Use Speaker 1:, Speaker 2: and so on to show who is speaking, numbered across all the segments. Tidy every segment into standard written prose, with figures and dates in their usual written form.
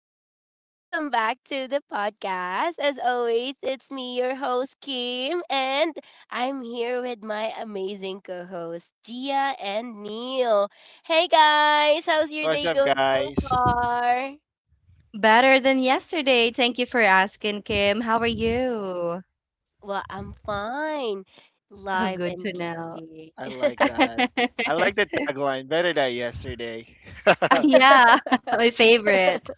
Speaker 1: everyone, welcome back to the podcast. As always, it's me, your host Kim, and I'm here with my amazing co-hosts Gia and Neil. Hey guys, how's your
Speaker 2: What's
Speaker 1: day
Speaker 2: up,
Speaker 1: going so
Speaker 2: guys?
Speaker 1: far?
Speaker 3: Better than yesterday. Thank you for asking, Kim. How are you?
Speaker 1: Well, I'm fine.
Speaker 3: Oh,
Speaker 1: Live
Speaker 3: good
Speaker 1: and
Speaker 3: to know.
Speaker 1: kicking.
Speaker 2: I like that. I like the tagline better than yesterday.
Speaker 3: Yeah, my favorite.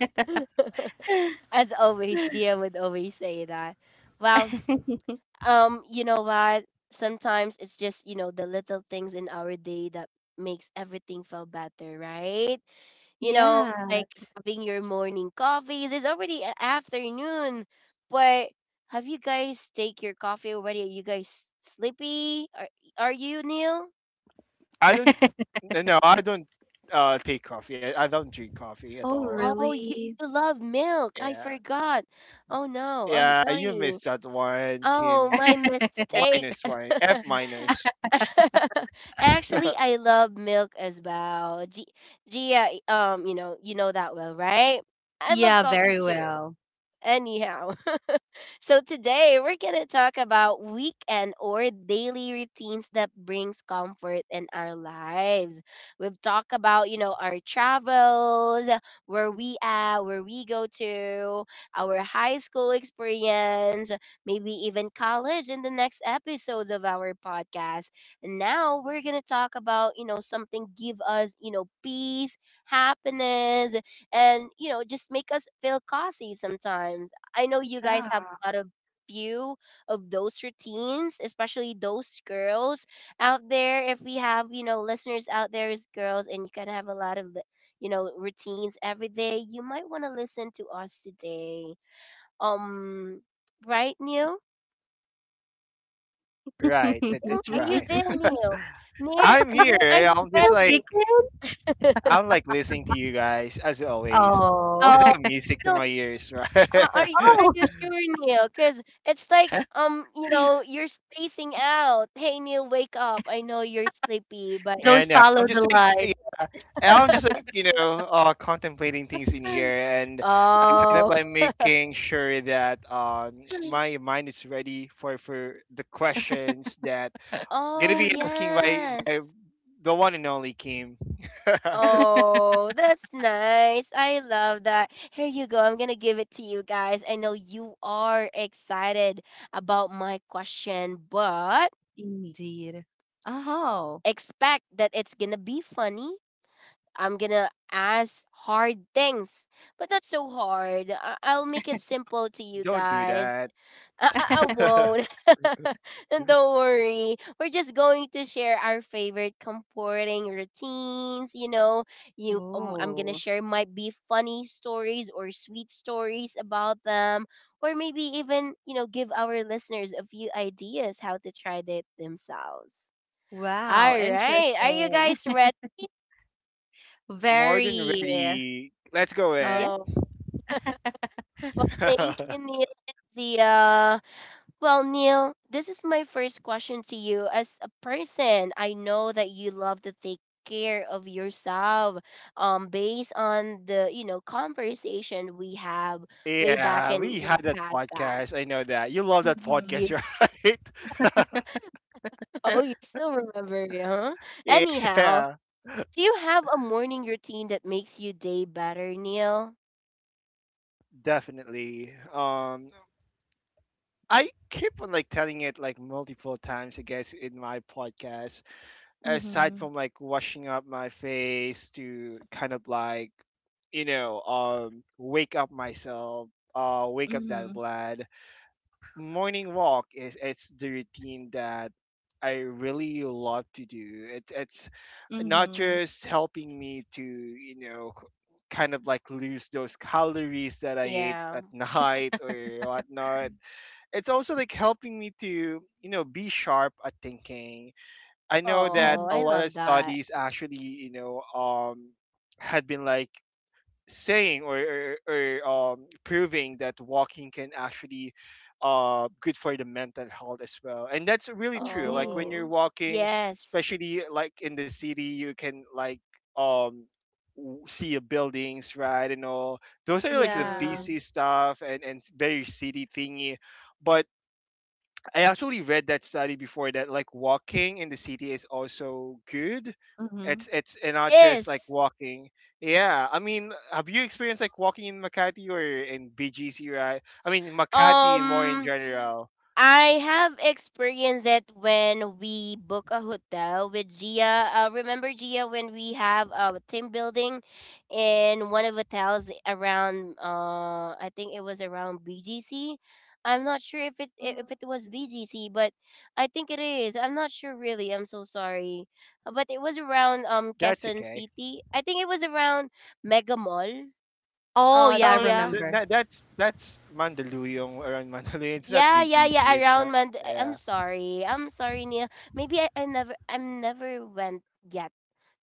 Speaker 1: As always, Gia would always say that. Well, You know what? Sometimes it's just, you know, the little things in our day that makes everything feel better, right? You know, like
Speaker 3: Yes.
Speaker 1: having your morning coffees. It's already afternoon, but have you guys take your coffee already? Are you guys sleepy? Are you, Neil?
Speaker 2: I don't. No, no, I don't take coffee. I don't drink coffee at
Speaker 3: Oh,
Speaker 2: all.
Speaker 1: Oh, you,
Speaker 3: really?
Speaker 1: you love milk. I
Speaker 2: Yeah,
Speaker 1: forgot. Oh no, I'm
Speaker 2: yeah. You
Speaker 1: sorry.
Speaker 2: missed that one,
Speaker 1: Oh,
Speaker 2: Kim.
Speaker 1: my mistake.
Speaker 2: Minus one. F minus.
Speaker 1: Actually, I love milk as well. Gia, you know that well, right? I love
Speaker 3: Yeah,
Speaker 1: coffee
Speaker 3: very
Speaker 1: too.
Speaker 3: well.
Speaker 1: Anyhow, so today we're going to talk about weekend or daily routines that brings comfort in our lives. We've talked about, you know, our travels, where we at, where we go to, our high school experience, maybe even college in the next episodes of our podcast. And now we're going to talk about, you know, something give us, you know, peace, happiness, and you know just make us feel cozy sometimes. I know you guys have a lot of few of those routines, especially those girls out there. If we have you know listeners out there as girls, and you can have a lot of you know routines every day, you might want to listen to us today, um right, Neil?
Speaker 3: Yeah.
Speaker 2: Right. That,
Speaker 1: Neil,
Speaker 2: that's
Speaker 1: are you
Speaker 2: right.
Speaker 1: there, Neil? neil,
Speaker 2: I'm here.
Speaker 1: neil are you
Speaker 2: I'm just
Speaker 1: ready?
Speaker 3: Okay,
Speaker 2: like
Speaker 3: Kim.
Speaker 2: I'm like listening to you guys as always.
Speaker 3: Oh,
Speaker 2: It's
Speaker 1: oh
Speaker 2: like a
Speaker 1: I
Speaker 2: music to
Speaker 1: don't.
Speaker 2: my ears, right?
Speaker 1: Are you are you
Speaker 3: oh,
Speaker 1: sure, Neil? Cause it's like, you know, you're spacing out. Hey, Neil, wake up. I know you're sleepy, but
Speaker 3: don't
Speaker 2: and uh,
Speaker 3: follow
Speaker 2: I'm
Speaker 3: the
Speaker 2: just
Speaker 3: light.
Speaker 2: like And I'm just like, contemplating things in here, and I kind of
Speaker 1: oh,
Speaker 2: I'm making sure that my mind is ready for the questions that gonna
Speaker 1: oh
Speaker 2: be asking by
Speaker 1: yes.
Speaker 2: the one and only Kim.
Speaker 1: Oh, that's nice. I love that. Here you go. I'm gonna give it to you guys. I know you are excited about my question, but
Speaker 3: Indeed. Oh,
Speaker 1: expect that it's gonna be funny. I'm gonna ask hard things, but that's so hard. I'll make it simple to you
Speaker 2: Don't do
Speaker 1: guys.
Speaker 2: that.
Speaker 1: I won't. And don't worry. We're just going to share our favorite comforting routines. You know, you I'm gonna
Speaker 3: oh,
Speaker 1: share might be funny stories or sweet stories about them, or maybe even you know give our listeners a few ideas how to try it themselves.
Speaker 3: wow,
Speaker 1: All right, are you
Speaker 3: interesting.
Speaker 1: guys ready?
Speaker 2: More than
Speaker 3: Very.
Speaker 2: ready. Let's go
Speaker 3: Yes.
Speaker 2: ahead.
Speaker 1: Oh. Well, thank you, Neil and Zia. Well, Neil, this is my first question to you. As a person, I know that you love to take care of yourself. Based on the you know conversation we have way back
Speaker 2: Yeah,
Speaker 1: in
Speaker 2: we
Speaker 1: your
Speaker 2: had that
Speaker 1: podcast.
Speaker 2: podcast. I know that you love that
Speaker 1: You
Speaker 2: podcast,
Speaker 3: Mhm.
Speaker 2: right?
Speaker 3: Mhm.
Speaker 1: oh, you still remember, huh? Anyhow,
Speaker 2: Yeah,
Speaker 1: do you have a morning routine that makes your day better, Neil?
Speaker 2: definitely. I keep on like telling it like multiple times, I guess, in my podcast. Aside from like washing up my face to kind of like, wake up myself, wake up that
Speaker 3: Mhm.
Speaker 2: blood. Morning walk is it's the routine that I really love to do. It's not
Speaker 3: Mhm.
Speaker 2: just helping me to kind of like lose those calories that I ate
Speaker 1: Yeah.
Speaker 2: at night or whatnot. It's also like helping me to be sharp at thinking. I know that
Speaker 1: Oh,
Speaker 2: a
Speaker 3: Mhm.
Speaker 1: I
Speaker 2: lot of
Speaker 1: love that.
Speaker 2: studies actually had been like saying or proving that walking can actually good for the mental health as well. And that's really true, like when
Speaker 3: Indeed.
Speaker 2: you're
Speaker 1: Oh,
Speaker 2: walking,
Speaker 1: yes.
Speaker 2: especially like in the city, you can like um see a buildings, right? And all those are like the
Speaker 3: Yeah.
Speaker 1: Mm-hmm.
Speaker 2: busy stuff and very city thingy. But I actually read that study before that like walking in the city is also good.
Speaker 3: Mhm.
Speaker 2: It's and not just like
Speaker 1: This
Speaker 2: walking. Yeah, I mean, have you experienced like walking in Makati or in BGC, right? I mean, Makati more in
Speaker 1: um
Speaker 2: general.
Speaker 1: I have experienced it when we book a hotel with Gia. Remember Gia when we have a team building in one of hotels around I think it was around BGC. I'm not sure if
Speaker 3: Mm.
Speaker 1: if it was BGC, but I think it is. I'm not sure really. I'm so sorry. But it was around
Speaker 2: That's
Speaker 1: Quezon
Speaker 2: okay.
Speaker 1: City. I think it was around Mega Mall.
Speaker 3: Oh,
Speaker 1: Uh,
Speaker 3: yeah, I
Speaker 2: Oh,
Speaker 1: Gia,
Speaker 2: th-
Speaker 3: remember.
Speaker 2: that- that's that's Mandaluyong, around Mandaluyong. It's not
Speaker 1: yeah.
Speaker 2: BGC. It's
Speaker 1: Around
Speaker 2: not.
Speaker 1: Mand. I'm
Speaker 2: Yeah.
Speaker 1: sorry. I'm sorry, Neil. Maybe I'm never went yet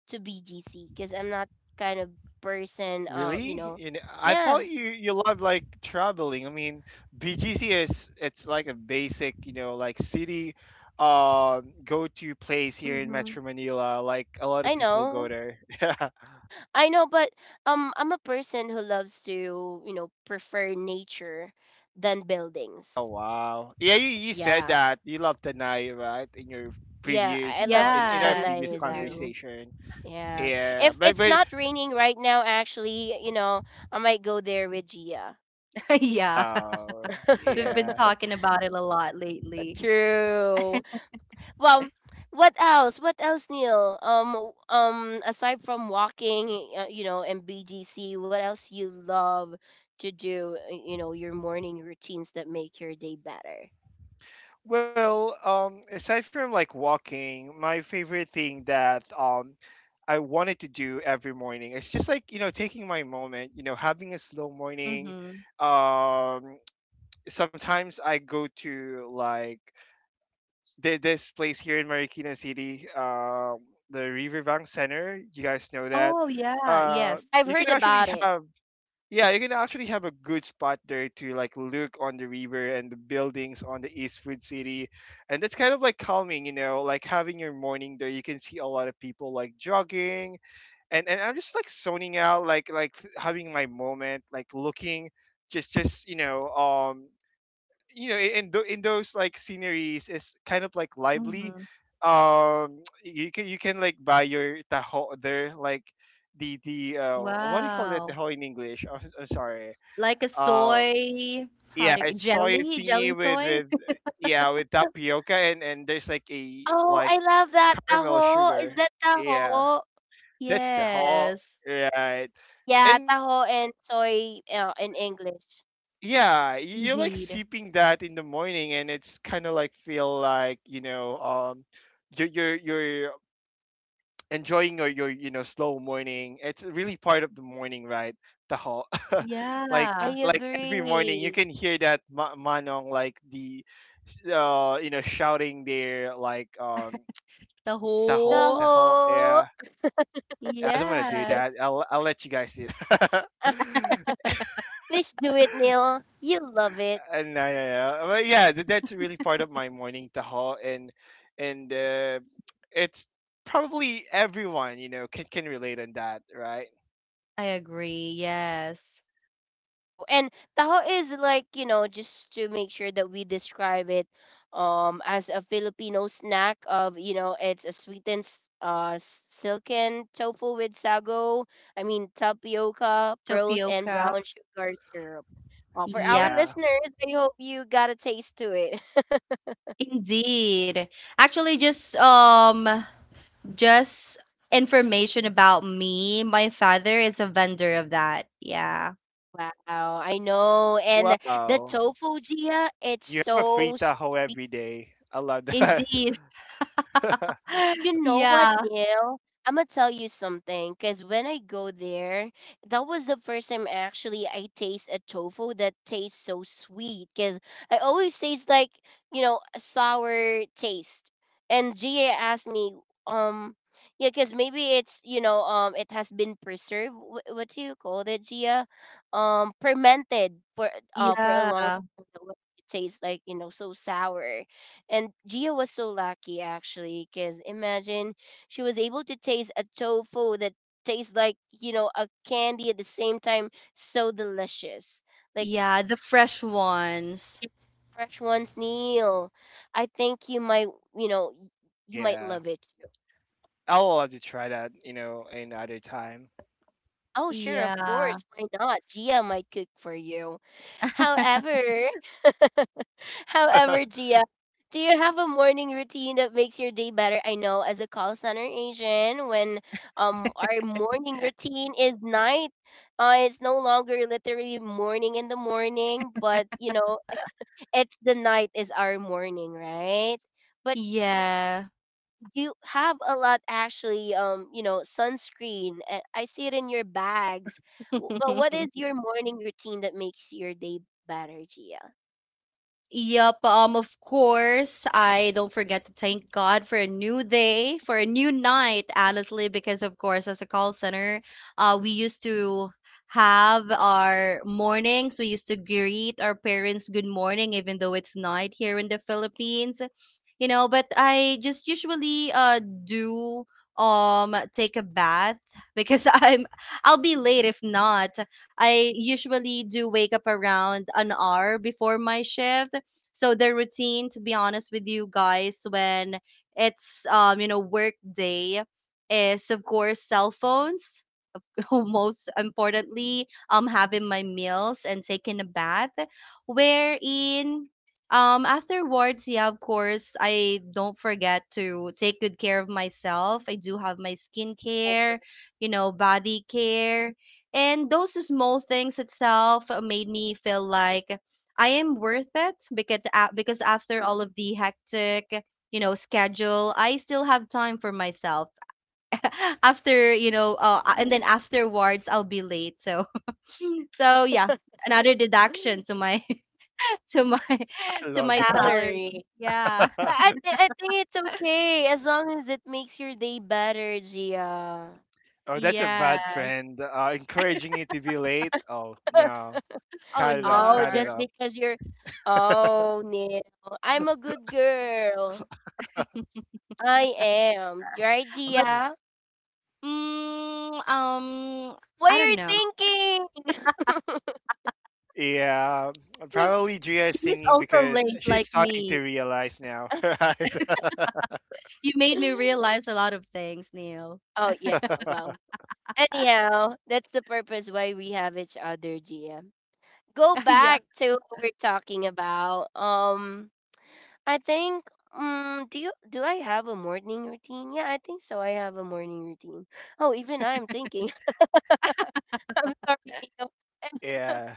Speaker 1: to BGC because I'm not kind of person. You
Speaker 2: Really?
Speaker 1: know.
Speaker 2: You know, I thought
Speaker 1: Yeah,
Speaker 2: you love like traveling. I mean, BGC is it's like a basic, you know, like city go-to place here in
Speaker 3: Mhm.
Speaker 2: Metro Manila. Like a lot of
Speaker 1: I
Speaker 2: people go
Speaker 1: know.
Speaker 2: there.
Speaker 1: I know, but I'm a person who loves to, you know, prefer nature than
Speaker 2: Oh
Speaker 1: buildings.
Speaker 2: wow. Yeah, you said
Speaker 1: Yeah,
Speaker 2: that you love Tanay, right? In your
Speaker 1: yeah. I
Speaker 2: previous
Speaker 1: love
Speaker 2: in our
Speaker 3: Yes,
Speaker 1: Tanay
Speaker 2: previous
Speaker 3: we
Speaker 1: Rizal.
Speaker 3: do.
Speaker 2: conversation.
Speaker 1: Yeah.
Speaker 2: Yeah,
Speaker 1: If
Speaker 2: but
Speaker 1: it's
Speaker 2: but
Speaker 1: not raining right now, actually, you know, I might go there with Gia.
Speaker 3: Yeah.
Speaker 2: uh
Speaker 3: We've been
Speaker 2: yeah.
Speaker 3: talking about it a lot lately.
Speaker 1: True. Well, what else? What else, Neil? Aside from walking, you know, and BGC, what else you love to do? You know, your morning routines that make your day better.
Speaker 2: Well, aside from like walking, my favorite thing that I wanted to do every morning is just like taking my moment, having a slow morning.
Speaker 3: Mhm.
Speaker 2: Um, sometimes I go to like this place here in Marikina City, the Riverbank Center. You guys know that.
Speaker 3: Oh, yeah.
Speaker 2: Uh,
Speaker 3: Yes.
Speaker 1: I've
Speaker 2: you can
Speaker 1: heard
Speaker 2: actually
Speaker 1: about it.
Speaker 2: have yeah, you can actually have a good spot there to like look on the river and the buildings on the Eastwood City. And that's kind of like calming, like having your morning there. You can see a lot of people like jogging and I'm just like zoning out, like having my moment, like looking just in those like sceneries is kind of like lively.
Speaker 3: Mhm.
Speaker 2: You can like buy your taho there, like the— what do you call that
Speaker 3: Wow.
Speaker 2: taho in english? Oh, I'm sorry.
Speaker 3: Like a
Speaker 2: uh
Speaker 3: soy, how
Speaker 2: yeah,
Speaker 3: do you,
Speaker 2: it's soy
Speaker 3: jelly
Speaker 2: thingy with
Speaker 3: soy?
Speaker 2: with yeah with tapioca and there's like a
Speaker 1: Oh,
Speaker 2: like
Speaker 1: I love that
Speaker 2: caramel
Speaker 1: taho.
Speaker 2: sugar.
Speaker 1: Is that
Speaker 2: Yeah,
Speaker 1: taho?
Speaker 2: that's the whole
Speaker 3: Yes,
Speaker 2: right.
Speaker 1: Yeah,
Speaker 2: And
Speaker 1: taho and soy in English.
Speaker 2: you're like
Speaker 3: indeed.
Speaker 2: sipping that in the morning, and it's kind of like feel like you're enjoying your slow morning. It's really part of the morning, right, the whole— like
Speaker 1: I
Speaker 3: Yeah.
Speaker 2: every morning you
Speaker 1: agree.
Speaker 2: can hear that manong like the shouting there like
Speaker 3: The
Speaker 2: taho,
Speaker 3: whole
Speaker 2: taho.
Speaker 1: Taho.
Speaker 2: Yeah, I don't want to do
Speaker 3: Yes.
Speaker 2: that. I'll let you guys see it.
Speaker 1: Please do it, Neil. You love it.
Speaker 2: And yeah, yeah, yeah. Well, yeah, that's really part of my morning, taho, and it's probably everyone can relate on that, right?
Speaker 3: I agree. Yes.
Speaker 1: True. And taho is like, you know, just to make sure that we describe it as a Filipino snack of, you know, it's a sweetened silken tofu with sago, I mean tapioca, pearls and
Speaker 3: Tapioca.
Speaker 1: brown sugar syrup. Well, for our
Speaker 3: Yep.
Speaker 2: Yeah.
Speaker 1: listeners, I hope you got a taste to it.
Speaker 3: Indeed. Actually, just just information about me. My father is a vendor of that. Yeah.
Speaker 1: Wow, I know. And the
Speaker 2: Wow.
Speaker 1: tofu, Gia, it's
Speaker 2: You have a free
Speaker 1: so
Speaker 2: taho
Speaker 1: sweet.
Speaker 2: every day. I love that.
Speaker 3: Indeed.
Speaker 1: You know what,
Speaker 3: Yeah.
Speaker 1: Neil? I'm gonna tell you something because when I go there, that was the first time actually I taste a tofu that tastes so sweet. Because I always taste like you know a sour taste. And Gia asked me, um, yeah, because maybe it's you know it has been preserved. What do you call that, Gia? Fermented for a long
Speaker 3: Yeah.
Speaker 1: time. That was- It tastes like you know so sour. And Gia was so lucky actually, because imagine she was able to taste a tofu that tastes like, you know, a candy at the same time, so delicious. Like
Speaker 3: Yeah, the fresh ones.
Speaker 1: it's fresh one's Neil. I think you might, you know, you might
Speaker 2: Yeah.
Speaker 1: love it.
Speaker 2: I'll love to try that, another time.
Speaker 1: Oh, sure, of
Speaker 3: Yeah.
Speaker 1: course. Why not? Gia might cook for you. However, however, Gia, do you have a morning routine that makes your day better? I know as a call center agent, when our morning routine is night, it's no longer literally morning in the morning, but you know, it's the night is our morning, right? But
Speaker 3: Yeah.
Speaker 1: you have a lot actually you know sunscreen I see it in your bags. But what is your morning routine that makes your day better, gia?
Speaker 3: Yep, of course, I don't forget to thank God for a new day, for a new night, honestly, because of course, as a call center, we used to have our mornings, we used to greet our parents good morning, even though it's night here in the Philippines, you know, but I just usually do take a bath because I'll be late if not. I usually do wake up around an hour before my shift, so their routine, to be honest with you guys, when it's you know, work day, is of course cell phones. Most importantly, having my meals and taking a bath, wherein afterwards, yeah, of course, I don't forget to take good care of myself. I do have my
Speaker 1: Or
Speaker 3: skincare, you know, body care, and those small things itself made me feel like I am worth it, because because after all of the hectic, you know, schedule, I still have time for myself. After, you know, and then afterwards, I'll be late, so so yeah, another deduction to my to my
Speaker 2: I
Speaker 3: to
Speaker 2: love
Speaker 3: my
Speaker 2: that.
Speaker 3: salary,
Speaker 1: salary.
Speaker 3: yeah.
Speaker 1: I think it's okay as long as it makes your day better, gia.
Speaker 2: Oh, that's a bad
Speaker 3: Yes.
Speaker 2: friend. Encouraging you to be late. Oh no,
Speaker 3: Oh,
Speaker 2: cut it off,
Speaker 1: Oh,
Speaker 3: no.
Speaker 2: cut
Speaker 1: just
Speaker 2: it off.
Speaker 1: because you're oh no, I'm a good girl. I am, right,
Speaker 3: but
Speaker 1: gia?
Speaker 3: mm, um
Speaker 1: What
Speaker 3: I don't
Speaker 1: you're
Speaker 3: know.
Speaker 1: thinking.
Speaker 2: Yeah, probably
Speaker 3: Kim
Speaker 2: Drea
Speaker 3: is
Speaker 2: is thinking
Speaker 3: also late
Speaker 2: because
Speaker 3: like
Speaker 2: she's
Speaker 3: me.
Speaker 2: starting to realize now, right?
Speaker 3: You made me realize a lot of things, Neil.
Speaker 1: Oh yeah. Well, anyhow, that's the purpose why we have each other, GM. Go
Speaker 3: Yeah.
Speaker 1: back to what we're talking about. I think. Do you do I have a morning routine? Yeah, I think so. I have a morning routine. Oh, even I'm thinking. I'm sorry, Neo.
Speaker 2: Yeah.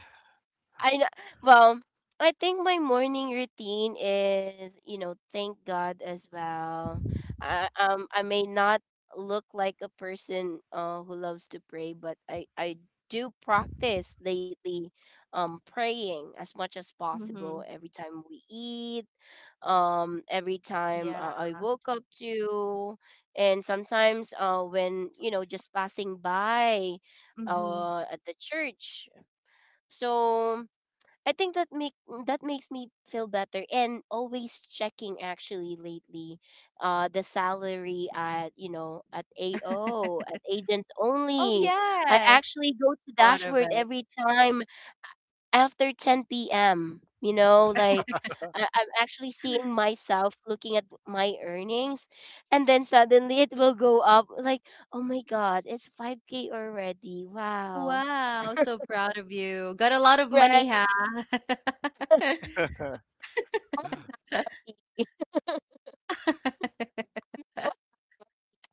Speaker 1: I know. Well, I think my morning routine is, you know, thank God as well. I may not look like a person who loves to pray, but I do practice lately praying as much as possible
Speaker 3: Mm-hmm.
Speaker 1: every time we eat, every time
Speaker 3: Yeah.
Speaker 1: I woke up to, and sometimes when you know just passing by
Speaker 3: Mm-hmm.
Speaker 1: at the church. So I think that make that makes me feel better, and always checking actually lately the salary at you know at AO at agents
Speaker 3: Oh,
Speaker 1: only. I
Speaker 3: yes,
Speaker 1: actually go to
Speaker 3: part of
Speaker 1: dashboard
Speaker 3: it.
Speaker 1: every time after 10 p.m. you know like I'm actually seeing myself looking at my earnings, and then suddenly it will go up like oh my god it's 5K already, wow,
Speaker 3: Wow, so proud of you, got a lot of money,
Speaker 1: right?
Speaker 3: huh?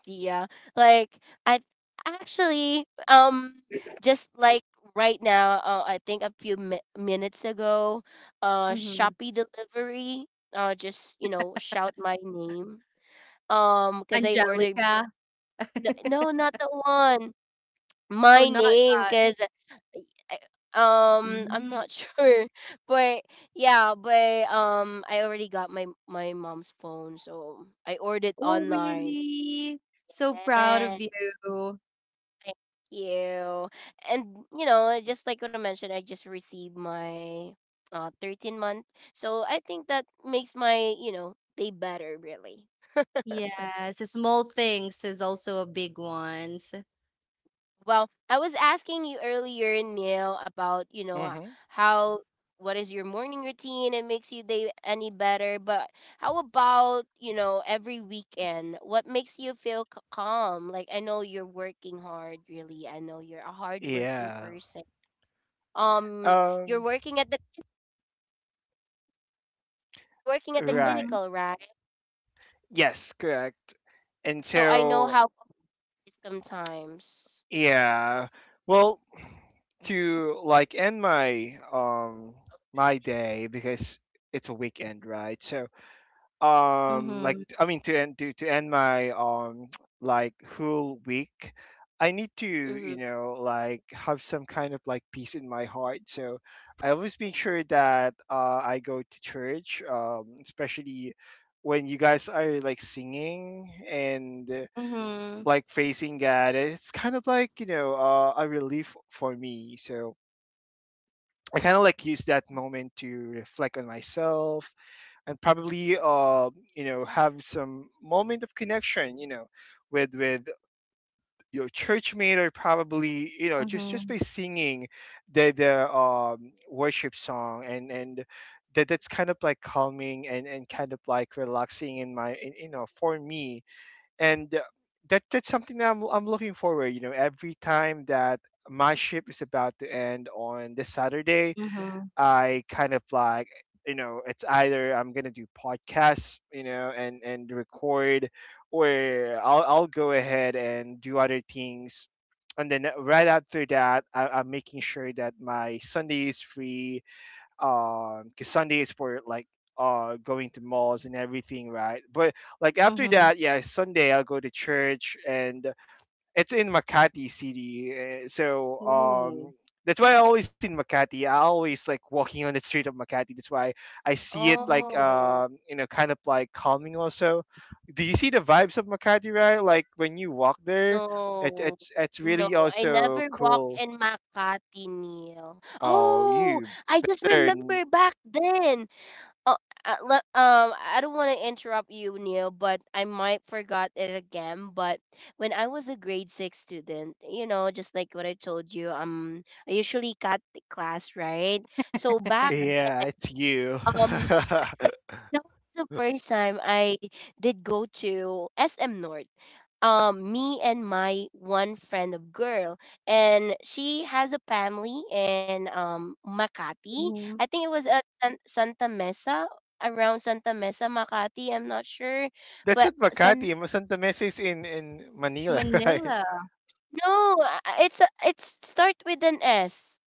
Speaker 1: Yeah. Like I actually just like right now I think a few minutes ago
Speaker 3: Mhm.
Speaker 1: Shopee delivery just you know shout my name cuz I ordered
Speaker 3: Angelica.
Speaker 1: no not the one my
Speaker 3: Oh, not
Speaker 1: name
Speaker 3: that.
Speaker 1: cuz I'm
Speaker 3: Mm.
Speaker 1: not sure but yeah but I already got my my mom's phone so I ordered
Speaker 3: Oh,
Speaker 1: online.
Speaker 3: really? So proud
Speaker 1: Yeah.
Speaker 3: of you.
Speaker 1: Thank you. And you know, just like what I mentioned, I just received my 13th month. So I think that makes my, you know, day better really.
Speaker 3: Yes, the small things is also a big ones.
Speaker 1: Well, I was asking you earlier, Neil, about, you know,
Speaker 2: hmm
Speaker 1: how what is your morning routine and makes you day any better, but how about, you know, every weekend? What makes you feel calm? Like I know you're working hard, really. I know you're a hard working
Speaker 2: Yeah.
Speaker 1: person. Um, you're
Speaker 2: Um.
Speaker 1: working at the You're working at the
Speaker 2: Right.
Speaker 3: Mm-hmm.
Speaker 1: clinical, right?
Speaker 2: Yes. Correct. And
Speaker 1: So I know
Speaker 2: so,
Speaker 1: how it is sometimes.
Speaker 2: yeah. Well, to like end my day, because it's a weekend, right? So
Speaker 3: Mm-hmm.
Speaker 2: like I mean to end my like whole week, I need to
Speaker 1: Mhm.
Speaker 2: like have some kind of like peace in my heart. So I always make sure that I go to church, especially when you guys are like singing and
Speaker 3: Mm-hmm.
Speaker 2: like praising God. It's kind of like a relief for me. So I kind of like use that moment to reflect on myself, and probably have some moment of connection, with your church mate, or probably just
Speaker 3: Mm-hmm.
Speaker 2: by singing the worship song, and that's kind of like calming and kind of like relaxing in my— in, you know for me. And that's something that I'm looking forward, every time that my ship is about to end on this Saturday.
Speaker 3: Mm-hmm.
Speaker 2: I kind of like it's either I'm gonna do podcasts, and record, or I'll go ahead and do other things. And then right after that, I'm making sure that my Sunday is free, because Sunday is for like going to malls and everything, right? But like after
Speaker 3: Mm-hmm.
Speaker 2: that, yeah, Sunday I'll go to church, and it's in Makati City. So
Speaker 3: Ooh.
Speaker 2: that's why I always in Makati. I always like walking on the street of Makati. That's why I see it
Speaker 3: Oh.
Speaker 2: like
Speaker 1: Oh,
Speaker 2: kind of like calming also. Do you see the vibes of Makati, right? Like when you walk there, it
Speaker 1: no.
Speaker 2: it's it's
Speaker 1: No,
Speaker 2: really
Speaker 1: I
Speaker 2: also
Speaker 1: never walk
Speaker 2: cool.
Speaker 1: in Makati, Neil.
Speaker 2: Oh,
Speaker 1: Oh,
Speaker 2: you
Speaker 1: I just
Speaker 2: better n-
Speaker 1: remember back then. Oh, I don't want to interrupt you, Neil, but I might forgot it again. But when I was a grade six student, you know, just like what I told you, I usually cut the class, right? So back
Speaker 2: yeah, it's you.
Speaker 1: um that was the first time I did go to SM North. Me and my one friend of girl, and she has a family in Makati.
Speaker 3: Mm-hmm.
Speaker 1: I think it was at Santa Mesa, around Santa Mesa, Makati. I'm not sure,
Speaker 2: That's
Speaker 1: but
Speaker 2: at
Speaker 1: San
Speaker 2: Makati. Santa Mesa is in Manila, right?
Speaker 3: Manila.
Speaker 1: no, it's it's start with an S.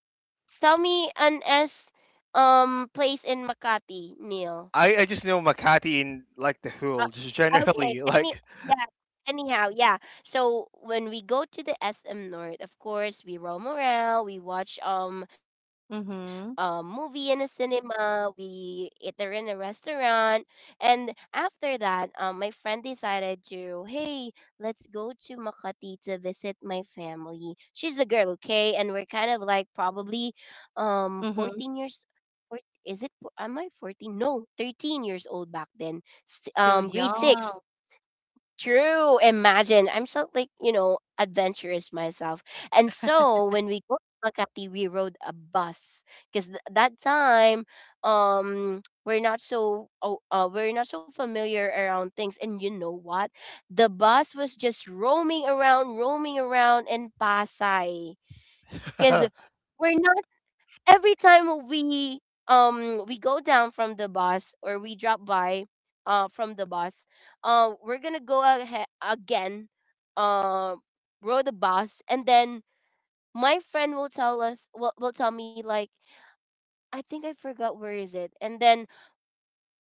Speaker 1: Tell me an S place in Makati, Neil.
Speaker 2: I just know Makati in like the
Speaker 1: Uh,
Speaker 2: whole just
Speaker 1: okay.
Speaker 2: generally,
Speaker 1: Any
Speaker 2: like
Speaker 1: yeah. Anyhow, yeah. So when we go to the SM North, of course, we roam around. We watch a movie
Speaker 3: Mm-hmm.
Speaker 1: in a cinema. We eat there in a restaurant, and after that, my friend decided to hey, let's go to Makati to visit my family. She's a girl, okay, and we're kind of like probably
Speaker 3: Mm-hmm.
Speaker 1: 14 years. four- Am I fourteen? No, 13 years old back then
Speaker 3: Still
Speaker 1: grade
Speaker 3: young.
Speaker 1: 6. True, imagine I'm so like, you know, adventurous myself. And so when we go to Makati, we rode a bus because that time, we're not so we're not so familiar around things. And you know what, the bus was just roaming around, roaming around in Pasay because we're not, every time we, we go down from the bus or we drop by from the bus, we're gonna go ahead again, uh row the bus. And then my friend will tell us, will tell me like, I think I forgot where is it. And then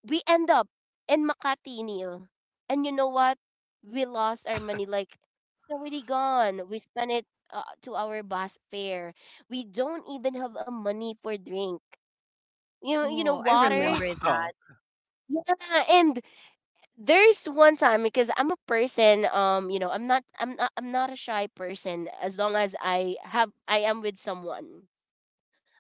Speaker 1: we end up in Makati, Neil. And you know what, we lost our money like it's already gone, we spent it, to our bus fare. We don't even have a money for drink,
Speaker 3: Oh, I remember
Speaker 1: water.
Speaker 2: wow,
Speaker 3: that.
Speaker 1: Yeah, and there's one time because I'm a person, you know, I'm not a shy person. As long as I have, I am with someone,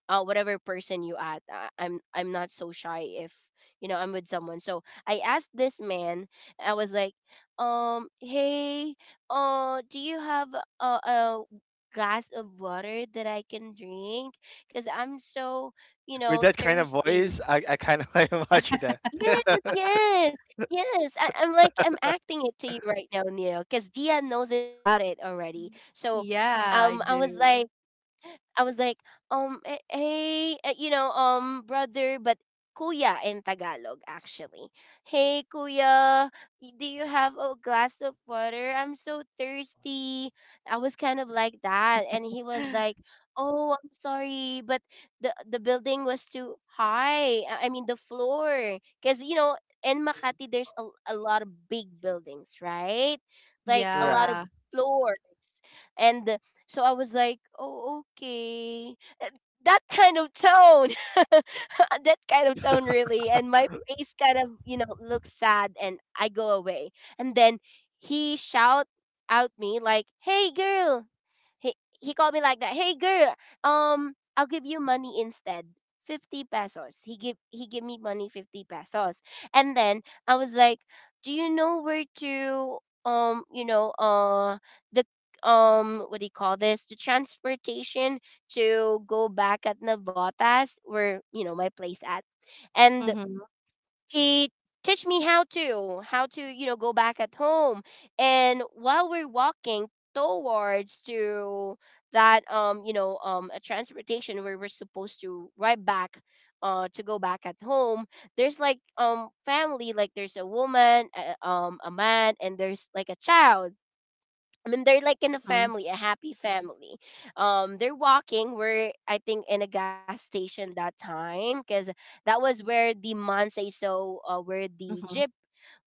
Speaker 1: whatever person you at, I'm not so shy if, you know, I'm with someone. So I asked this man, I was like, hey, do you have a glass of water that I can drink? Because I'm so, you
Speaker 2: with
Speaker 1: know,
Speaker 2: that kind of
Speaker 1: thirsty.
Speaker 2: voice, I kind of like imagine
Speaker 1: Yes,
Speaker 2: that.
Speaker 1: yes, yes. I'm like I'm acting it to you right now, Neil, because Dia knows it about it already. So,
Speaker 3: Yeah, I
Speaker 1: um, I was
Speaker 3: do.
Speaker 1: like, I was like, hey, you know, brother, but kuya in Tagalog, actually. Hey, kuya, do you have a glass of water? I'm so thirsty. I was kind of like that. And he was like, oh, I'm sorry, but the building was too high. I mean, the floor. Because, you know, in Makati, there's a lot of big buildings, right? Like a lot
Speaker 2: Right.
Speaker 1: of
Speaker 3: Yeah.
Speaker 1: floors. And so I was like, oh, okay. That kind of tone, that kind of tone, really. And my face kind of, you know, looks sad and I go away. And then he shout out me like, hey, girl. He called me like that. Hey, girl, I'll give you money instead. 50 pesos. He give me money 50 pesos. And then I was like, "Do you know where to, you know, the." What do you call this, the transportation to go back at Navotas where, you know, my place at. And
Speaker 3: Mm-hmm.
Speaker 1: he teach me how to, you know, go back at home. And while we're walking towards to that, you know, a transportation where we're supposed to ride back, to go back at home, there's like, family, like there's a woman, a man, and there's like a child. I mean, they're like in a family, a happy family. They're walking. I think, in a gas station that time because that was where the Mansei so, where the
Speaker 3: Mm-hmm.
Speaker 1: jeep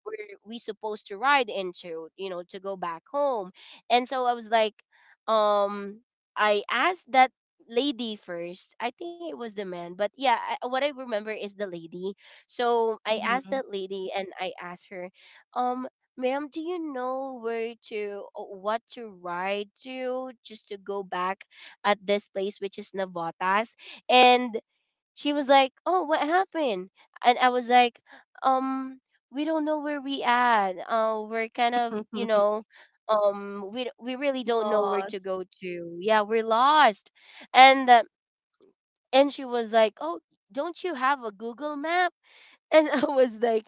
Speaker 1: were we supposed to ride into, you know, to go back home. And so I was like, um, I asked that lady first. I think it was the man, but yeah, I, what I remember is the lady. So I asked
Speaker 3: Mhm.
Speaker 1: that lady, and I asked her, um ma'am, do you know where to, what to ride to just to go back at this place, which is Navotas? And she was like, "Oh, what happened?" And I was like, "Um, we don't know where we at. We're kind of, you know, we really don't know where to
Speaker 3: Loss.
Speaker 1: go to. Yeah, we're lost." And uh, and she was like, "Oh, don't you have a Google map?" And I was like,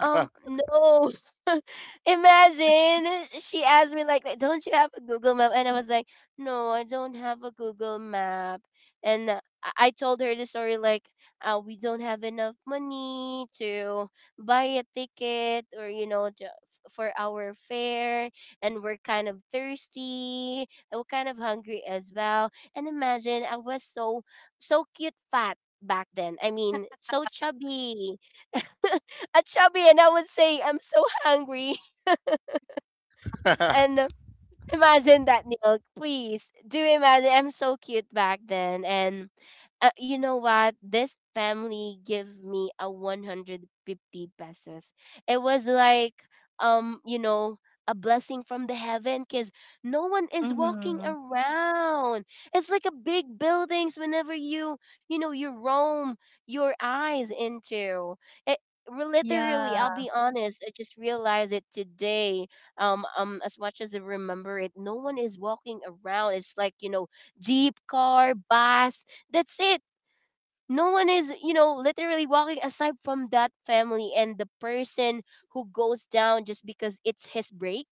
Speaker 1: no. Imagine she asked me like that, don't you have a Google map? And I was like, no, I don't have a Google map. And I told her the story like, we don't have enough money to buy a ticket, or, you know, to, for our fare, and we're kind of thirsty, and we're kind of hungry as well. And imagine I was so, so cute fat back then. I mean, so chubby. At Chubby, and I would say, I'm so hungry. And imagine that, Neil. Please do imagine. I'm so cute back then, and you know what? This family give me a 150 pesos. It was like, you know, a blessing from the heaven because no one is walking
Speaker 3: Mhm.
Speaker 1: around. It's like a big buildings whenever you, you know you roam your eyes into it. Literally, I'll
Speaker 3: Yeah.
Speaker 1: be honest. I just realized it today, as much as I remember it, no one is walking around. It's like, you know, jeep, car, bus. That's it. No one is, you know, literally walking aside from that family and the person who goes down just because it's his break.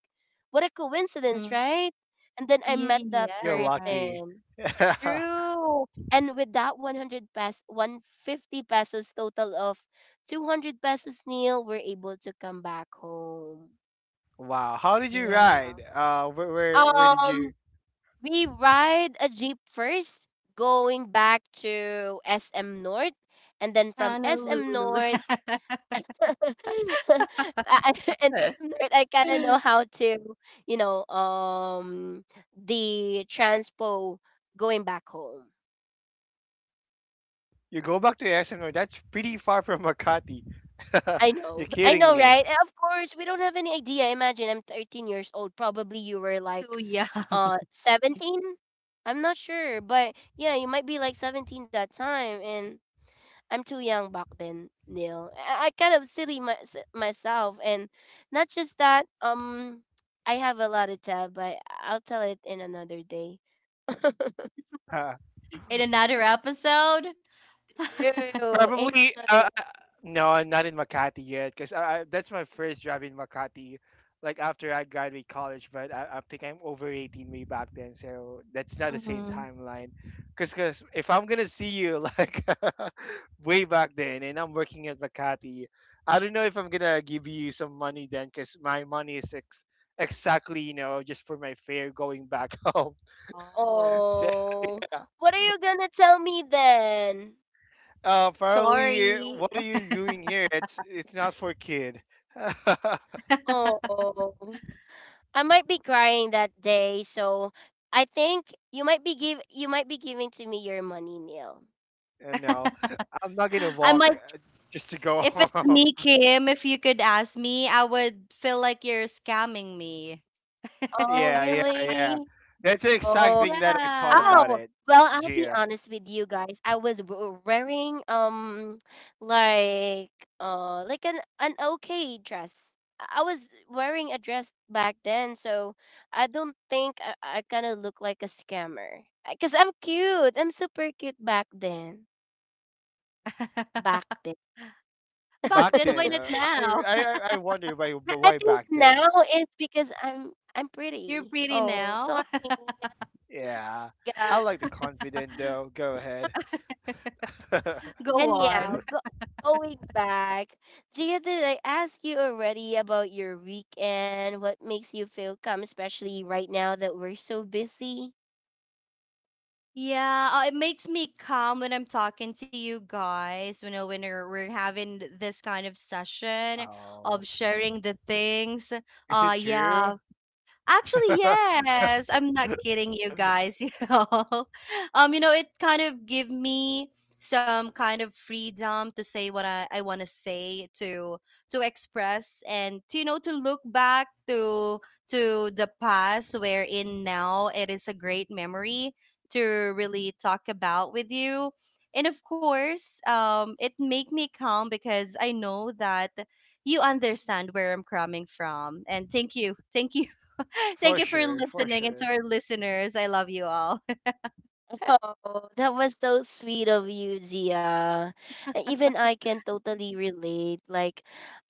Speaker 1: What a coincidence,
Speaker 3: Mhm.
Speaker 1: right? And then I met that
Speaker 2: You're
Speaker 3: Yes.
Speaker 2: lucky.
Speaker 1: person. True. And with that 100 pesos, 150 pesos, total of 200 pesos, Neil, we're able to come back home.
Speaker 2: Wow, how did you
Speaker 3: Wow.
Speaker 2: ride where did
Speaker 1: Um,
Speaker 2: you—
Speaker 1: We ride a jeep first, going back to SM North, and then from SM
Speaker 3: Honolulu.
Speaker 1: North, I, I- and SM North, I kind of know how to, you know, the transpo going back home.
Speaker 2: You go back to Esenor, that's pretty far from Makati. You're
Speaker 1: I
Speaker 2: kidding
Speaker 1: know,
Speaker 2: me.
Speaker 1: right? And of course, we don't have any idea. Imagine I'm 13 years old. Probably you were like,
Speaker 3: Oh, yeah.
Speaker 1: 17. I'm not sure, but yeah, you might be like 17 that time, and I'm too young back then, Neil. I kind of silly my, myself, and not just that. I have a lot to tell, but I'll tell it in another day.
Speaker 3: In another episode.
Speaker 1: True, in
Speaker 2: Probably,
Speaker 1: another.
Speaker 2: no, I'm not in Makati yet, because that's my first job in Makati, like after I graduate college. But I think I'm over 18-way back then, so that's not the same
Speaker 3: Mhm.
Speaker 2: timeline. Because if I'm gonna see you, like way back then, and I'm working at Makati, I don't know if I'm gonna give you some money then, because my money is exactly, just for my fare going back home.
Speaker 3: Oh,
Speaker 2: So.
Speaker 1: Oh, what are you gonna tell me then?
Speaker 2: Probably.
Speaker 3: sorry.
Speaker 2: What are you doing here? It's not for kid. And
Speaker 1: Oh, I might be crying that day, so I think you might be give, you might be giving to me your money, Neil.
Speaker 2: no, I'm not gonna
Speaker 3: I
Speaker 2: walk
Speaker 3: might,
Speaker 2: uh, just to go
Speaker 3: if it's
Speaker 2: home.
Speaker 3: me, Kim, if you could ask me, I would feel like you're scamming me.
Speaker 1: Oh,
Speaker 2: Yeah, yeah,
Speaker 1: really?
Speaker 2: yeah. That's the exact
Speaker 1: Oh.
Speaker 2: thing that I thought
Speaker 3: Yeah.
Speaker 2: about
Speaker 1: Oh,
Speaker 2: it,
Speaker 1: well, I'll be
Speaker 2: Gia.
Speaker 1: honest with you guys. I was wearing like like an okay dress. I was wearing a dress back then, so I don't think I kind of look like a scammer. 'Cause I'm cute. I'm super cute back then. Back then.
Speaker 3: Back
Speaker 2: Back
Speaker 3: then, why
Speaker 2: then,
Speaker 3: not
Speaker 2: uh, I
Speaker 3: now?
Speaker 2: I I I wonder why
Speaker 1: I
Speaker 2: why
Speaker 1: think
Speaker 2: back then.
Speaker 1: now it's because I'm
Speaker 3: You're
Speaker 1: pretty.
Speaker 3: pretty
Speaker 1: Oh, sorry,
Speaker 3: now.
Speaker 1: yeah,
Speaker 2: Yeah, I like the
Speaker 1: guys.
Speaker 2: confident though. Go ahead.
Speaker 3: Go on.
Speaker 1: Anyhow, go, going back, Gia, did I ask you already about your weekend? What makes you feel calm, especially right now that we're so busy?
Speaker 3: Yeah, it makes me calm when I'm talking to you guys. You know, when we're having this kind of session
Speaker 2: Oh,
Speaker 3: of sharing the things.
Speaker 2: is it
Speaker 3: Uh,
Speaker 2: true?
Speaker 3: yeah, Actually, yes. I'm not kidding you guys, you know. You know, it kind of give me some kind of freedom to say what I want to say, to express and to, you know, to look back to the past wherein now it is a great memory to really talk about with you. And of course, it make me calm because I know that you understand where I'm coming from. And thank you. Thank you. Thank
Speaker 2: For
Speaker 3: you for
Speaker 2: sure, for
Speaker 3: listening, and to
Speaker 2: sure.
Speaker 3: our listeners, I love you all.
Speaker 1: Oh, that was so sweet of you, Gia. Even I can totally relate. Like,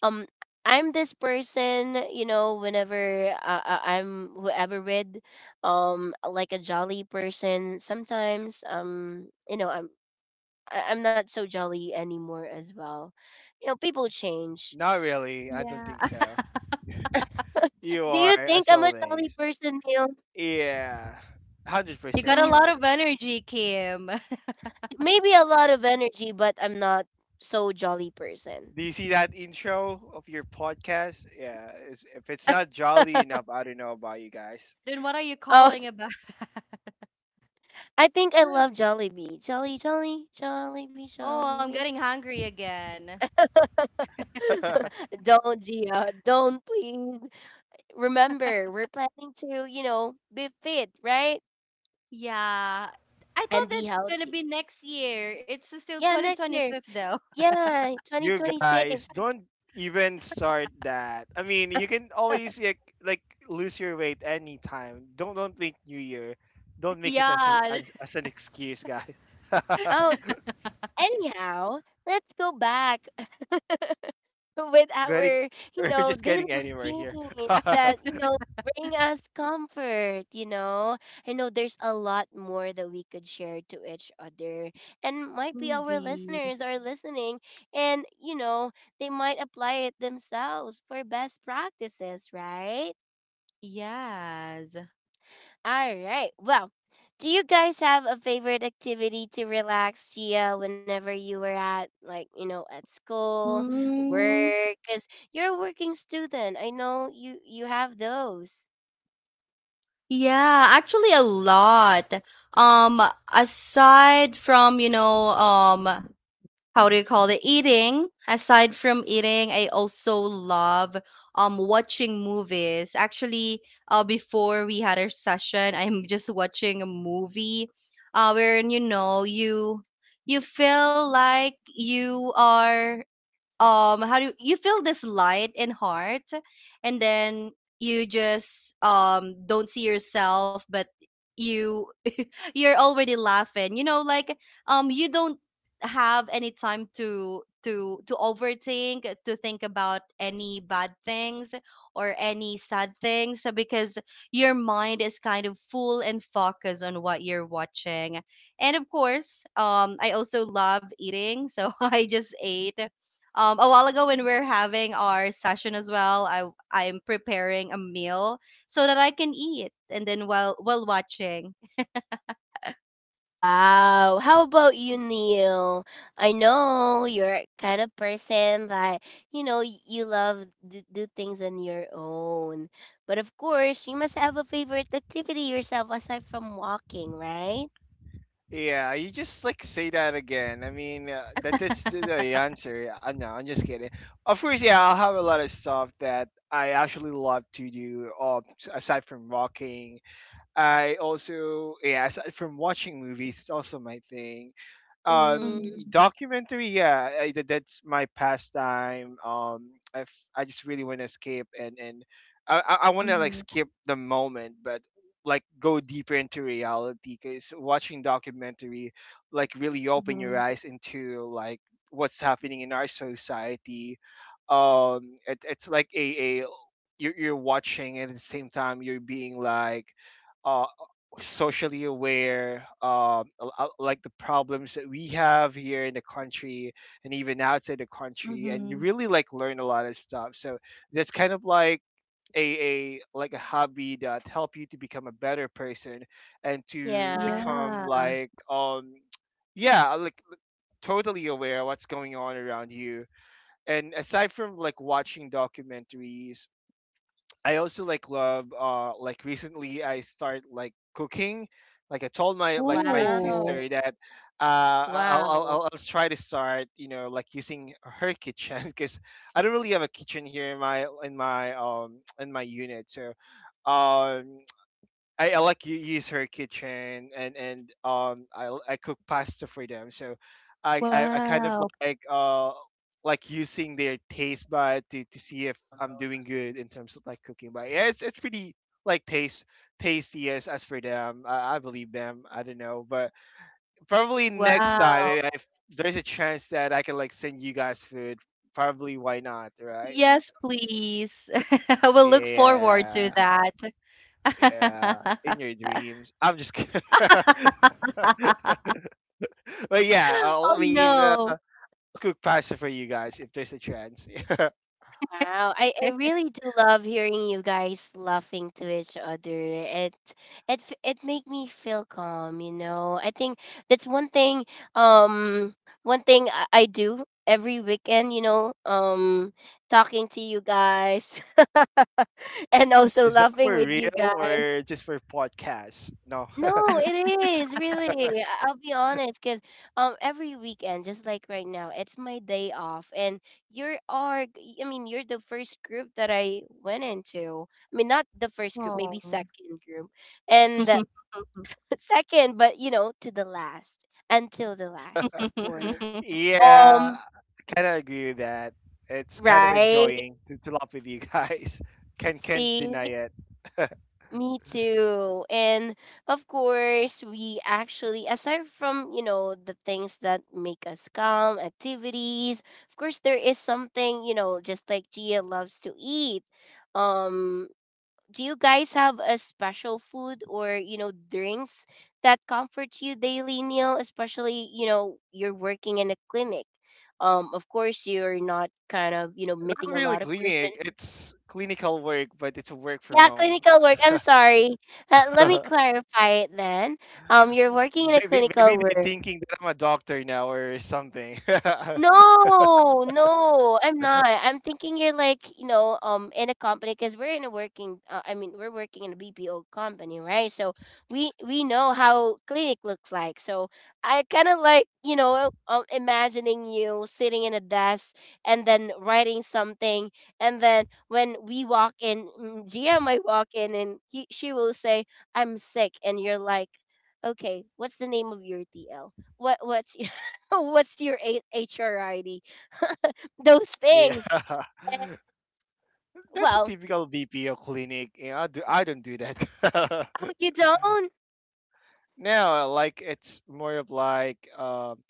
Speaker 1: um, I'm this person, you know, whenever I'm whoever with, like a jolly person. Sometimes, you know, I'm not so jolly anymore as well. You know, people change.
Speaker 2: Not really. I don't
Speaker 3: Yeah.
Speaker 2: think so. You
Speaker 1: Do you
Speaker 2: are,
Speaker 1: think
Speaker 2: as
Speaker 1: I'm a jolly
Speaker 2: always.
Speaker 1: person, Neil?
Speaker 2: Yeah, hundred
Speaker 3: You got
Speaker 2: percent
Speaker 3: a
Speaker 1: Um,
Speaker 3: lot
Speaker 2: sure.
Speaker 3: of energy, Kim.
Speaker 1: maybe a lot of energy, but I'm not so jolly person.
Speaker 2: Do you see that intro of your podcast? Yeah, it's, if it's not jolly enough, I don't know about you guys.
Speaker 3: Then what are you
Speaker 1: oh,
Speaker 3: calling about?
Speaker 1: I think I love Jollibee. Jolly, jolly, Jollibee,
Speaker 3: Oh, I'm
Speaker 1: Jollibee.
Speaker 3: getting hungry again.
Speaker 1: don't, Gia. Don't, please. Remember, we're planning to, you know, be fit, right?
Speaker 3: Yeah. I thought
Speaker 1: And be
Speaker 3: that's gonna be
Speaker 1: healthy.
Speaker 3: next year. It's still
Speaker 1: Yeah, next year.
Speaker 3: 2025 though.
Speaker 1: Yeah,
Speaker 2: You guys
Speaker 1: 2026.
Speaker 2: don't even start that. I mean, you can always like lose your weight anytime. Don't think New Year. Don't make it as
Speaker 3: Yeah,
Speaker 2: as, as an excuse, guys.
Speaker 1: Oh, anyhow, let's go back with
Speaker 2: getting
Speaker 1: our, you
Speaker 2: we're
Speaker 1: know,
Speaker 2: just
Speaker 1: daily
Speaker 2: getting anywhere here.
Speaker 1: routines that, you know, bring us comfort, you know. I know there's a lot more that we could share to each other. And might be our
Speaker 3: indeed.
Speaker 1: listeners are listening and, you know, they might apply it themselves for best practices, right?
Speaker 3: Yes.
Speaker 1: All right. Well, do you guys have a favorite activity to relax, Gia, whenever you were at, like, you know, at school,
Speaker 3: Mm,
Speaker 1: work? Because you're a working student. I know you have those.
Speaker 3: yeah, actually a lot. Um, aside from, you know, how do you call it, eating, aside from eating, I also love watching movies. Actually, before we had our session, I am just watching a movie, wherein, you know, you feel like you are, how do you, you feel this light in heart, and then you just don't see yourself, but you you're already laughing, you know, like you don't have any time to to overthink, to think about any bad things or any sad things, because your mind is kind of full and focused on what you're watching. And of course, um, I also love eating, so I just ate a while ago. When we're having our session as well, I I'm preparing a meal so that I can eat, and then while watching.
Speaker 1: Wow. How about you, Neil? I know you're a kind of person that, you know, you love to do things on your own. But of course, you must have a favorite activity yourself aside from walking, right?
Speaker 2: Yeah, you just like say that again. I mean, that's the answer. Yeah, no, I'm just kidding. Of course, yeah, I'll have a lot of stuff that I actually love to do. Aside from walking, I also, yeah, aside from watching movies, it's also my thing, um
Speaker 1: Mm-hmm.
Speaker 2: documentary. Yeah, that's my pastime. Um, if I just really want to escape and I want to like
Speaker 3: Mhm,
Speaker 2: skip the moment, but like go deeper into reality because watching documentary like really open your
Speaker 3: mhm,
Speaker 2: eyes into like what's happening in our society. It's like a, you're watching, and at the same time you're being like uh, socially aware, like the problems that we have here in the country and even outside the country, and you
Speaker 3: mhm.
Speaker 2: really like learn a lot of stuff. So that's kind of like a like a hobby that help you to become a better person and to
Speaker 1: Yeah.
Speaker 2: become
Speaker 3: Yeah.
Speaker 2: like, um, yeah, like totally aware of what's going on around you. And aside from like watching documentaries, I also like love, like recently I start like cooking. Like I told my, like my
Speaker 1: Wow.
Speaker 3: Oh.
Speaker 2: sister that, uh, I'll
Speaker 1: Wow.
Speaker 2: I'll try to start, you know, like using her kitchen because I don't really have a kitchen here in my in my unit. So um, I like you use her kitchen and I cook pasta for them. So I kind of
Speaker 3: Wow,
Speaker 2: like, uh, like using their taste bud to see if I'm doing good in terms of like cooking. But yeah, it's pretty like taste tasty as for them. I believe them. I don't know, but probably next time,
Speaker 3: wow.
Speaker 2: eh, if there's a chance that I can like send you guys food. Probably, why not,
Speaker 3: Yes,
Speaker 2: right?
Speaker 3: please. I will look forward to
Speaker 2: Yeah,
Speaker 3: that.
Speaker 2: yeah. In your dreams. I'm just kidding. But yeah,
Speaker 3: Oh
Speaker 2: I mean,
Speaker 3: no.
Speaker 2: cook pasta for you guys if there's a chance.
Speaker 1: Wow. I really do love hearing you guys laughing to each other. It make me feel calm, you know. I think that's one thing, um one thing I do every weekend, you know, talking to you guys and also
Speaker 2: Is that
Speaker 1: laughing
Speaker 2: for
Speaker 1: with you
Speaker 2: real
Speaker 1: guys.
Speaker 2: or just for podcasts? No.
Speaker 1: No, it is really. I'll be honest, 'cause every weekend, just like right now, it's my day off, and I mean you're the first group that I went into. I mean not the first group, maybe
Speaker 3: Oh.
Speaker 1: second group, and the- second, but you know to the last, until the last, of course.
Speaker 2: Yeah,
Speaker 1: Um,
Speaker 2: I kind of agree with that. It's kind of
Speaker 1: right?
Speaker 2: enjoying to laugh with you guys. Can can't
Speaker 1: See.
Speaker 2: deny it.
Speaker 1: Me too. And of course, we actually, aside from, you know, the things that make us calm, activities, of course, there is something, you know, just like Gia loves to eat. Um, do you guys have a special food or, drinks that comforts you daily, Neil? Especially, you're working in a clinic. Of course, you're not kind of, meeting
Speaker 2: Not
Speaker 1: a
Speaker 2: really
Speaker 1: lot of person.
Speaker 2: clinic. It's clinical work, but it's work from
Speaker 1: Yeah,
Speaker 2: home.
Speaker 1: clinical work. I'm sorry. Let me clarify it then. You're working in a
Speaker 2: Maybe
Speaker 1: clinical
Speaker 2: they're
Speaker 1: work.
Speaker 2: thinking that I'm a doctor now or something.
Speaker 1: No, no, I'm not. I'm thinking you're like, in a company because we're in a working. I mean, we're working in a BPO company, right? So we know how clinic looks like. So I kind of like, imagining you sitting in a desk and then writing something, and then when we walk in, Gia might walk in, and he she will say, "I'm sick," and you're like, "Okay, what's the name of your TL? What's what's your A- HRID? Those
Speaker 2: Yeah.
Speaker 1: things. And,
Speaker 2: That's a
Speaker 1: well,
Speaker 2: typical BPO clinic. You know, I do, I don't do that.
Speaker 1: oh, you don't?
Speaker 2: No, like it's more of like,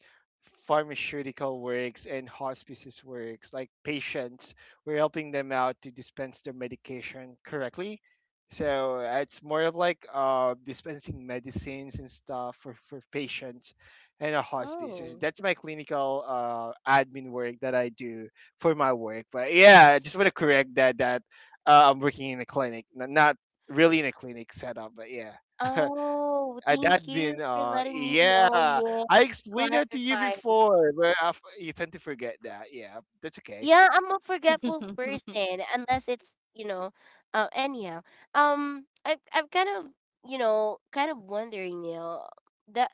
Speaker 2: pharmaceutical works and hospices works, like patients. We're helping them out to dispense their medication correctly. So it's more of like, dispensing medicines and stuff for patients and a hospice. So
Speaker 1: Oh.
Speaker 2: that's my clinical, admin work that I do for my work. But yeah, I just want to correct that I'm working in a clinic, not really in a clinic setup, but yeah.
Speaker 1: Oh, thank
Speaker 2: That
Speaker 1: you
Speaker 2: admin,
Speaker 1: for letting me
Speaker 2: yeah.
Speaker 1: know, Nick,
Speaker 2: I
Speaker 1: for
Speaker 2: explained that to you
Speaker 1: clarifying.
Speaker 2: before, but you tend to forget that. Yeah, that's okay.
Speaker 1: Yeah, I'm a forgetful person unless it's, you know, anyhow. I'm kind of, you know, kind of wondering, you know, the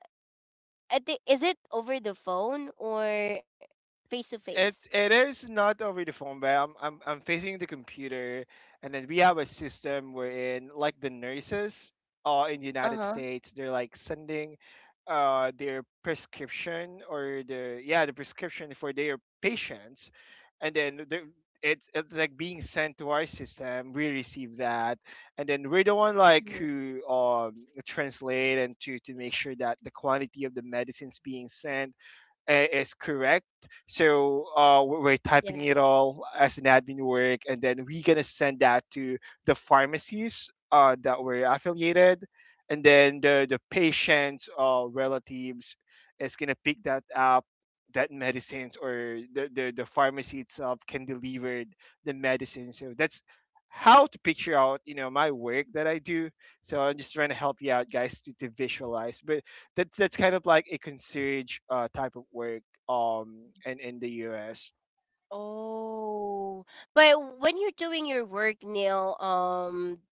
Speaker 1: I think is it over the phone or face to face?
Speaker 2: It is not over the phone, but I'm facing the computer, and then we have a system wherein like the nurses, in the United
Speaker 1: Uh-huh.
Speaker 2: States, they're like sending, their prescription or the, yeah, the prescription for their patients, and then the it's like being sent to our system. We receive that, and then we're the one like
Speaker 1: Hmm.
Speaker 2: who, um, translate and to make sure that the quantity of the medicines being sent is correct. So we're typing
Speaker 1: Yeah.
Speaker 2: it all as an admin work, and then we're gonna send that to the pharmacies, that we're affiliated, and then the patients, relatives is gonna pick that up. That medicines or the, the pharmacy itself can deliver the medicine. So that's how to picture out, you know, my work that I do. So I'm just trying to help you out, guys, to visualize. But that's kind of like a concierge, type of work in the US.
Speaker 1: Oh, but when you're doing your work, Neil,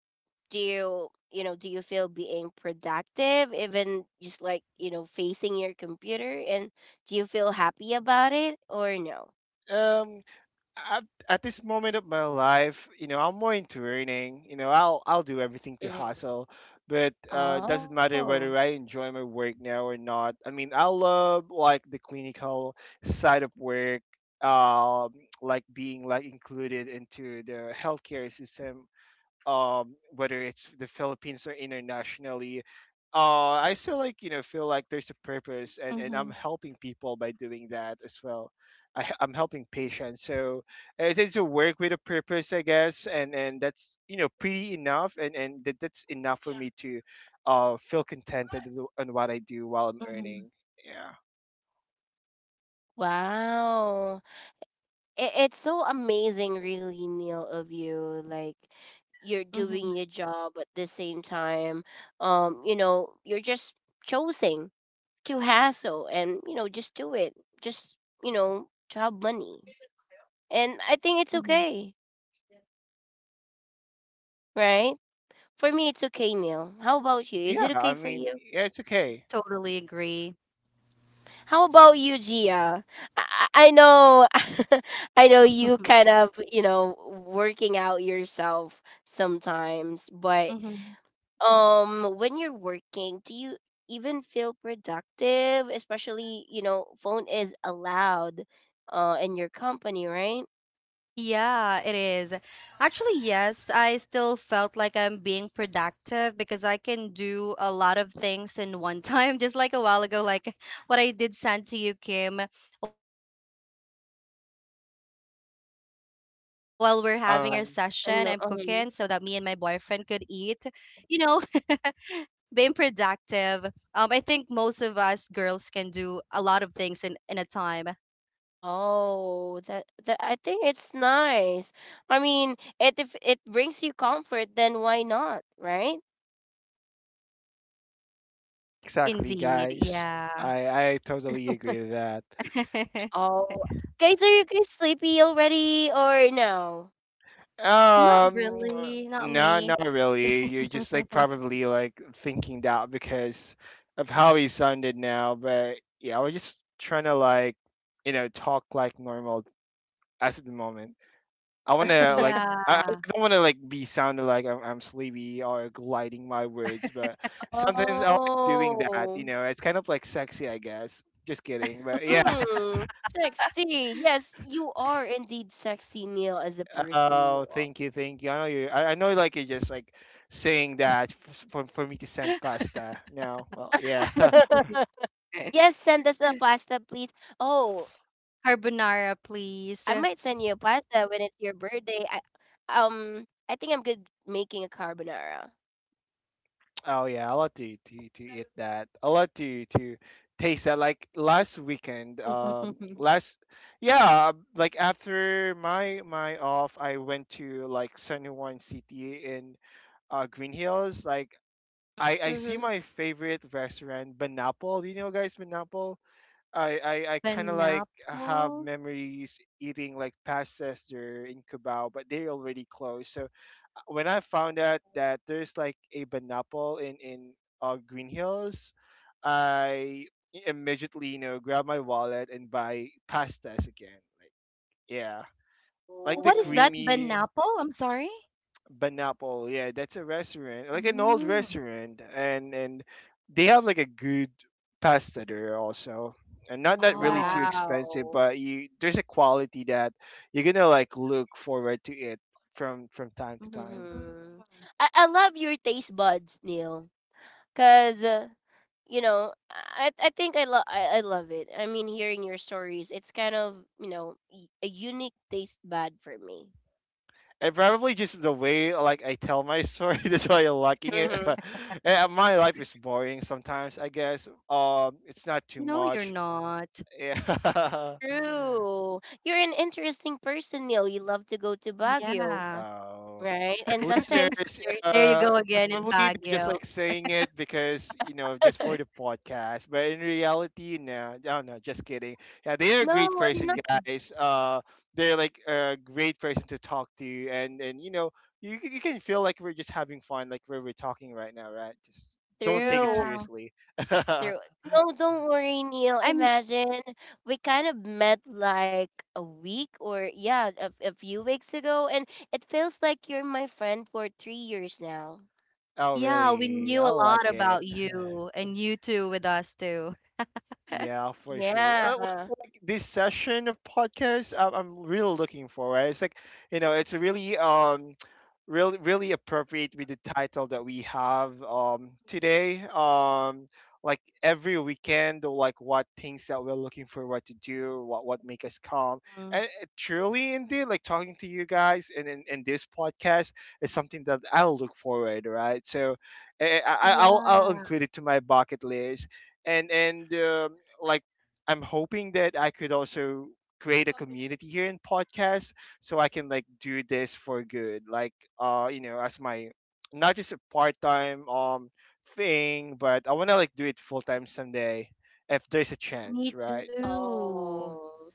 Speaker 1: do you, you know, do you feel being productive, even just like, you know, facing your computer, and do you feel happy about it or no?
Speaker 2: Um, at, at this moment of my life, you know, I'm more into earning. You know, I'll do everything to
Speaker 1: Hmm.
Speaker 2: hustle, but doesn't
Speaker 1: Oh,
Speaker 2: matter whether I enjoy my work now or not. I mean, I love like the clinical side of work, um, like being like included into the healthcare system, um, whether it's the Philippines or internationally. Uh, I still like, you know, feel like there's a purpose, and I'm
Speaker 3: Mhm.
Speaker 2: helping people by doing that as well. I'm helping patients. So it is a work with a purpose, I guess, and that's, you know, pretty enough, and that's enough for me to, uh, feel contented with on what I do while I'm
Speaker 3: Mhm,
Speaker 2: earning, yeah.
Speaker 1: wow. It's so amazing, really, Neil, of you. Like, you're
Speaker 3: mhm,
Speaker 1: doing your job at the same time. You know, you're just choosing to hassle and you know just do it just you know to have money, and I think it's
Speaker 3: mhm.
Speaker 1: okay, right? For me it's okay. Now how about you? Is it
Speaker 2: Yeah,
Speaker 1: okay
Speaker 2: I
Speaker 1: for
Speaker 2: mean,
Speaker 1: you?
Speaker 2: yeah, it's okay.
Speaker 3: Totally agree.
Speaker 1: How about you, Gia? I, I I know. I know you
Speaker 3: Mhm,
Speaker 1: kind of, you know, working out yourself sometimes. But
Speaker 3: mhm.
Speaker 1: when you're working do you even feel productive, especially you know phone is allowed in your company, right?
Speaker 3: Yeah, it is. Actually, yes, I still felt like I'm being productive because I can do a lot of things in one time, just like a while ago, like what I did send to you, Kim, while we're having our session, I'm cooking so that me and my boyfriend could eat.
Speaker 2: Um,
Speaker 3: You
Speaker 1: I
Speaker 3: know,
Speaker 1: know. Uh-huh.
Speaker 3: being productive. I think most of us girls can do a lot of things in a time.
Speaker 1: Oh, that that I think it's nice. I mean, it if it brings you comfort, then why not, right?
Speaker 2: exactly,
Speaker 3: Indeed,
Speaker 2: guys.
Speaker 3: yeah.
Speaker 2: I totally agree with that.
Speaker 1: Oh, guys, are you guys sleepy already or no?
Speaker 3: Not
Speaker 2: Um,
Speaker 3: really, not
Speaker 2: no, not
Speaker 3: me.
Speaker 2: really. You're just like probably like thinking that because of how he sounded now. But yeah, I was just trying to like, you know, talk like normal as of the moment. I want to like, I
Speaker 3: Yeah.
Speaker 2: don't want to like be sounding like I'm sleepy or gliding my words, but sometimes I like doing that. You
Speaker 1: Oh,
Speaker 2: know, it's kind of like sexy, I guess. Just kidding, but yeah.
Speaker 1: sexy. Yes, you are indeed sexy, Neil, as a person
Speaker 2: Oh,
Speaker 1: you are.
Speaker 2: thank you, thank you. I know you. I know, like you're just like saying that for me to send pasta. No, well, yeah.
Speaker 1: yes, send us a pasta, please. Oh, I might send you a
Speaker 3: Carbonara,
Speaker 1: pasta when it's your
Speaker 3: please.
Speaker 1: birthday. Um, I think I'm good making a carbonara.
Speaker 2: Oh yeah, I love to eat that. I lot to taste that. Like last weekend, last, yeah, like after my my off, I went to like San Juan City in Green Hills. Like I see
Speaker 1: Mm-hmm.
Speaker 2: my favorite restaurant, Banapol. Do you know, guys, Banapol? I kind of like have
Speaker 3: Banapple?
Speaker 2: memories eating like pastas there in Cubao, but they already closed. So when I found out that there's like a Banapol in, Green Hills, I immediately, you know, grab my wallet and buy pastas again. Like, yeah, like the
Speaker 3: What is that?
Speaker 1: Oh.
Speaker 2: creamy
Speaker 3: Banapple? I'm sorry?
Speaker 2: Banapol, yeah, that's a restaurant, like an old
Speaker 3: Mm.
Speaker 2: restaurant, and they have like a good pasta there also, and not not really too
Speaker 3: Oh.
Speaker 2: expensive,
Speaker 1: Wow.
Speaker 2: but you there's a quality that you're gonna like look forward to it from time to time.
Speaker 3: Mm.
Speaker 1: Mm-hmm. I love your taste buds, Neil. Cause you know, I think I love I love it. I mean, hearing your stories, it's kind of you know a unique taste bud for me.
Speaker 2: And probably just the way like I tell my story, that's why you're liking it.
Speaker 1: Mm-hmm.
Speaker 2: Eh, my life is boring sometimes, I guess. It's not too
Speaker 3: No, you're
Speaker 2: much.
Speaker 3: not.
Speaker 2: Yeah.
Speaker 1: True. You're an interesting person, Neil. You love to go to
Speaker 3: Yeah.
Speaker 1: Baguio,
Speaker 2: Um,
Speaker 1: right? And sometimes
Speaker 2: listeners,
Speaker 1: there's
Speaker 3: There you go again in
Speaker 2: probably they're just
Speaker 3: Baguio.
Speaker 2: like saying it because, you know, just for the podcast, but in reality, no, no, no, just kidding. Yeah, they're a
Speaker 1: no,
Speaker 2: great
Speaker 1: I'm
Speaker 2: person,
Speaker 1: not
Speaker 2: guys. Uh, they're like a great person to talk to, and you know, you, you can feel like we're just having fun like where we're talking right now, right? Just don't take it
Speaker 1: true.
Speaker 3: Yeah.
Speaker 2: seriously. Oh,
Speaker 1: Through no, don't worry, Neil.
Speaker 3: I'm
Speaker 1: Imagine we kind of met like a week or a few weeks ago, and it feels like you're my friend for 3 years now.
Speaker 3: yeah, we
Speaker 2: really?
Speaker 3: knew
Speaker 2: I
Speaker 3: a
Speaker 2: like
Speaker 3: lot
Speaker 2: it.
Speaker 3: about you, and you too with us too.
Speaker 2: Yeah, for sure.
Speaker 1: Yeah.
Speaker 2: Like this session of podcast, I'm really looking forward. It's like, you know, it's really, really really appropriate with the title that we have today. Like every weekend, or like what things that we're looking for, what to do, what make us calm,
Speaker 3: Mm-hmm.
Speaker 2: and it truly indeed, like talking to you guys and in this podcast is something that I'll look forward, right? So, eh, I'll
Speaker 3: Yeah.
Speaker 2: include it to my bucket list and like I'm hoping that I could also create a community here in podcast, so I can like do this for good, like uh, you know, as my not just a part-time thing, but I want to like do it full-time someday if there's a chance,
Speaker 3: Me
Speaker 2: right?
Speaker 3: too.
Speaker 1: Oh.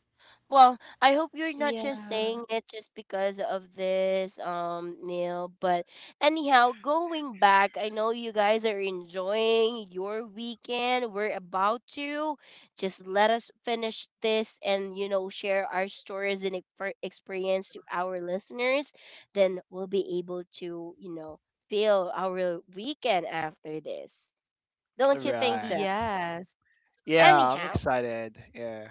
Speaker 1: Well, I hope you're not
Speaker 3: Yeah.
Speaker 1: just saying it just because of this, Neil. But anyhow, going back, I know you guys are enjoying your weekend. We're about to. Just let us finish this and, you know, share our stories and experience to our listeners. Then we'll be able to, you know, feel our weekend after this. Don't you think so?
Speaker 2: Right.
Speaker 3: Yes.
Speaker 2: Yeah, I'm
Speaker 1: Anyhow.
Speaker 2: excited. Yeah.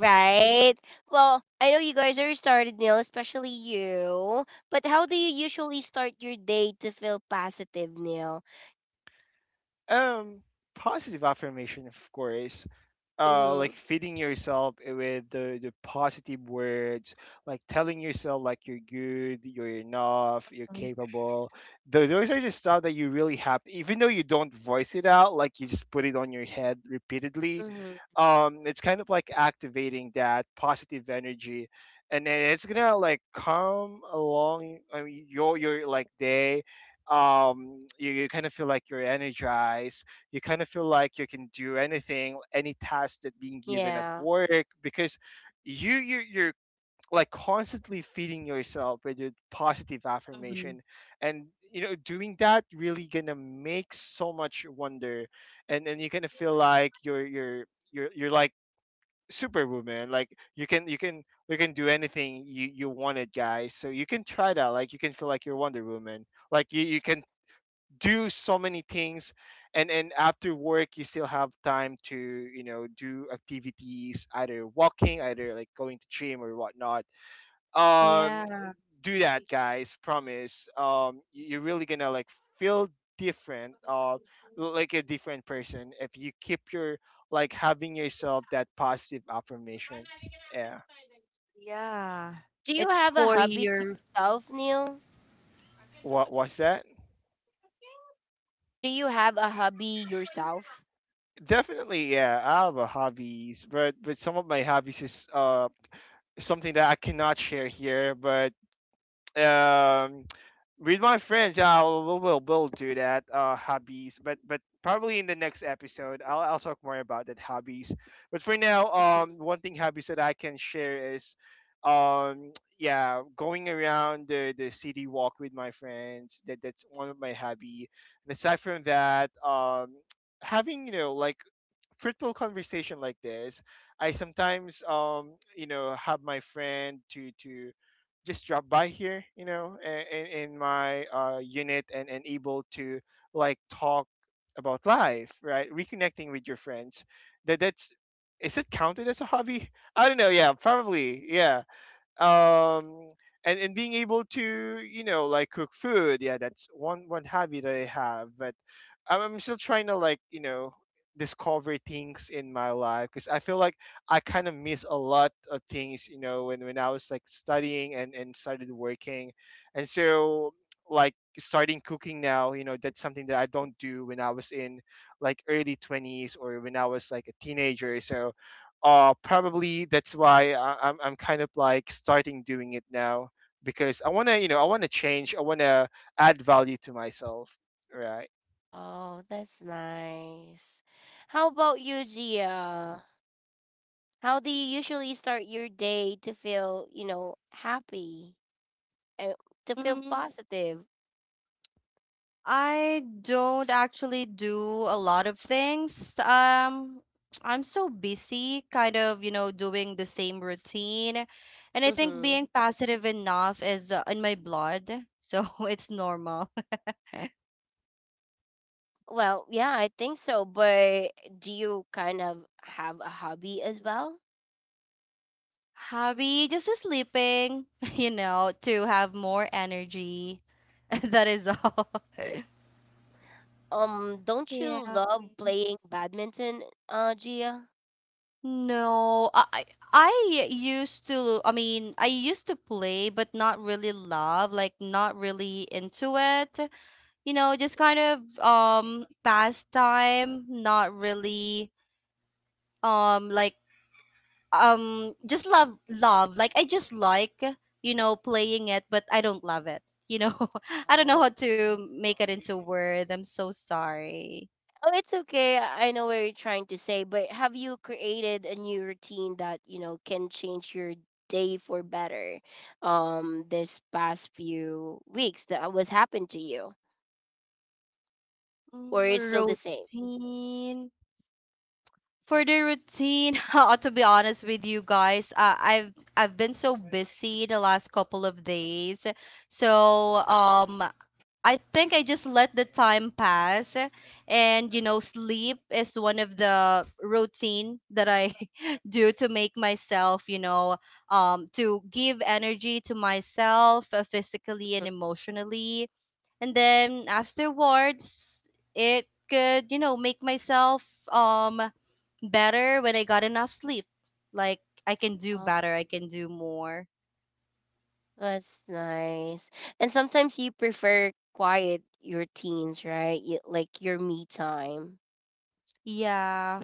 Speaker 1: Right. Well, I know you guys are started, Neil, especially you. But how do you usually start your day to feel positive, Neil?
Speaker 2: Um, positive affirmation, of course. Uh, like
Speaker 1: Mm-hmm.
Speaker 2: feeding yourself with the positive words, like telling yourself like you're good, you're enough, you're capable. Those are just stuff that you really have to, even though you don't voice it out, like you just put it on your head repeatedly.
Speaker 1: Mm-hmm.
Speaker 2: Um, it's kind of like activating that positive energy, and then it's gonna like come along. I mean, your like day, um, you kind of feel like you're energized. You kind of feel like you can do anything, any task that being given at
Speaker 1: Yeah.
Speaker 2: work, because you, you're like constantly feeding yourself with your positive
Speaker 3: Mm-hmm.
Speaker 2: affirmation. And, you know, doing that really gonna make so much wonder, and you kind of feel like you're you're like superwoman. Like, you can you can you can do anything you you wanted, guys. So you can try that. Like you can feel like you're wonder woman, like you can do so many things. And after work, you still have time to, you know, do activities, either walking, either like going to gym or whatnot. Um,
Speaker 3: Yeah.
Speaker 2: do that, guys, promise. Um, you're really gonna like feel different, uh, like a different person if you keep your, like, having yourself that positive affirmation. Yeah.
Speaker 3: Yeah.
Speaker 1: Do you
Speaker 3: It's
Speaker 1: have a
Speaker 3: for
Speaker 1: hobby
Speaker 3: your.
Speaker 1: yourself, Neil?
Speaker 2: What was that?
Speaker 1: Do you have a hobby yourself?
Speaker 2: Definitely, yeah, I have a hobbies, but some of my hobbies is, uh, something that I cannot share here, but um, with my friends, yeah, we'll do that. Hobbies, but probably in the next episode, I'll talk more about that hobbies. But for now,
Speaker 1: Mhm.
Speaker 2: one thing hobbies that I can share is, um, yeah, going around the city walk with my friends. That's one of my hobby. And aside from that, having like fruitful conversation like this. I sometimes have my friend to just drop by here, in my unit, and able to like talk about life, right? Reconnecting with your friends, that that's is it counted as a hobby? I don't know. Yeah, probably. Yeah um and being able to, you know, like cook food. Yeah, that's one hobby that I have. But I'm still trying to, like, you know, discover things in my life because I feel like I kind of miss a lot of things, you know, when I was like studying and started working, and so like starting cooking now, you know, that's something that I don't do when I was in like early 20s, or when I was like a teenager. So probably that's why I'm kind of like starting doing it now, because I wanna, you know, I wanna change, I wanna add value to myself, right?
Speaker 1: Oh, that's nice. How about you, Gia? How do you usually start your day to feel, you know, happy and to feel
Speaker 3: Mm,
Speaker 1: positive?
Speaker 3: I don't actually do a lot of things. I'm so busy, kind of, you know, doing the same routine. And I think
Speaker 1: Mm-hmm.
Speaker 3: being passive enough is in my blood. So it's normal.
Speaker 1: Well, yeah, I think so. But do you kind of have a hobby as well?
Speaker 3: Hobby, just sleeping, you know, to have more energy. That is all.
Speaker 1: Don't you
Speaker 3: Yeah.
Speaker 1: love playing badminton, Gia?
Speaker 3: No, I I used to, I mean, I used to play, but not really love, like not really into it. You know, just kind of pastime, not really like just love like I just like, you know, playing it, but I don't love it, you know. I don't know how
Speaker 1: Oh.
Speaker 3: to make it into word. I'm so sorry.
Speaker 1: Oh, it's okay. I know what you're trying to say, but have you created a new routine that, you know, can change your day for better, this past few weeks that was happened to you? Or
Speaker 3: Mm,
Speaker 1: it's still the same?
Speaker 3: routine for the routine. Uh, to be honest with you guys, I've been so busy the last couple of days, so um, I think I just let the time pass, and you know, sleep is one of the routine that I do to make myself, you know, um, to give energy to myself, physically and emotionally. And then afterwards it could, you know, make myself um better when I got enough sleep. Like I can do
Speaker 1: Mhm.
Speaker 3: better, I can do more.
Speaker 1: That's nice. And sometimes you prefer quiet your teens, right? You, like your me time.
Speaker 3: Yeah.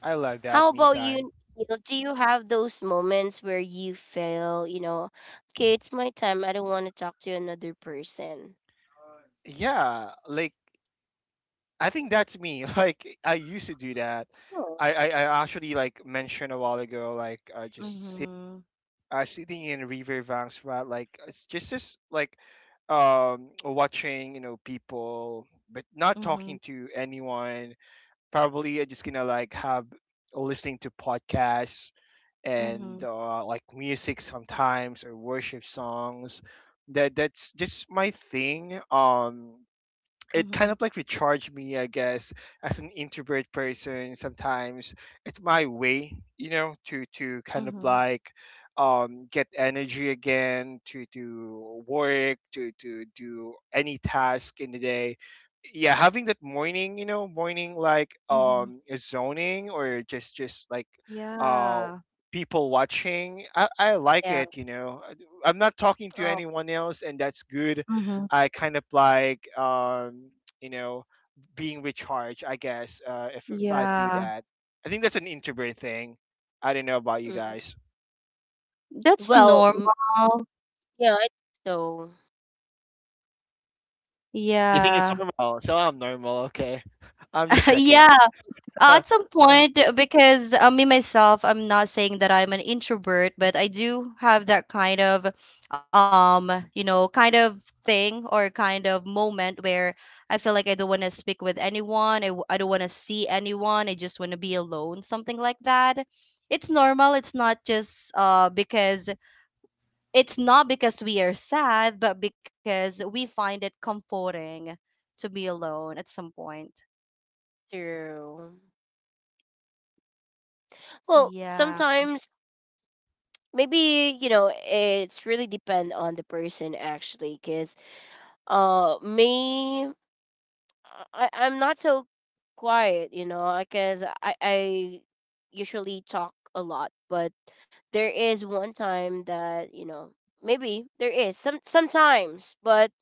Speaker 2: I love
Speaker 1: How
Speaker 2: that me
Speaker 1: about
Speaker 2: time.
Speaker 1: you, Neil? Do you have those moments where you feel, you know, okay, it's my time. I don't want to talk to another person.
Speaker 2: Yeah, like I think that's me like I used to do that.
Speaker 1: Oh,
Speaker 2: I actually like mentioned a while ago, like, just sit,
Speaker 3: Mhm.
Speaker 2: sitting in riverbanks, right? Like it's just like, watching, you know, people, but not talking
Speaker 3: Mhm.
Speaker 2: to anyone. Probably I'm just gonna like have, listening to podcasts and,
Speaker 3: Mhm.
Speaker 2: like music sometimes, or worship songs. That's just my thing. It kind of
Speaker 3: Mhm.
Speaker 2: like recharged me, I guess, as an introvert person. Sometimes it's my way, you know, to kind of
Speaker 3: Mhm,
Speaker 2: like get energy again to do work, to do any task in the day. Yeah, having that morning, you know, morning like
Speaker 3: mhm.
Speaker 2: zoning, or just like uh
Speaker 3: Yeah.
Speaker 2: people watching. I like
Speaker 1: yeah.
Speaker 2: it, you know, I'm not talking to
Speaker 1: Oh,
Speaker 2: anyone else, and that's good.
Speaker 3: Mhm.
Speaker 2: I kind of like you know, being recharged, I guess. If I do
Speaker 3: Yeah.
Speaker 2: that, I think that's an introvert thing. I don't know about you
Speaker 1: mm.
Speaker 2: guys.
Speaker 3: That's
Speaker 1: well, mm,
Speaker 3: normal.
Speaker 1: yeah, I think so.
Speaker 2: You think it's
Speaker 3: Yeah.
Speaker 2: normal? So I'm normal. Okay, I'm just checking.
Speaker 3: Yeah. At some point, because me myself, I'm not saying that I'm an introvert, but I do have that kind of, you know, kind of thing or kind of moment where I feel like I don't want to speak with anyone. I don't want to see anyone. I just want to be alone, something like that. It's normal. It's not because we are sad, but because we find it comforting to be alone at some point.
Speaker 1: True. Well,
Speaker 3: Yeah.
Speaker 1: sometimes maybe you know it's really depend on the person actually, because me I'm not so quiet, you know, because I usually talk a lot, but there is one time that you know maybe there is some sometimes, but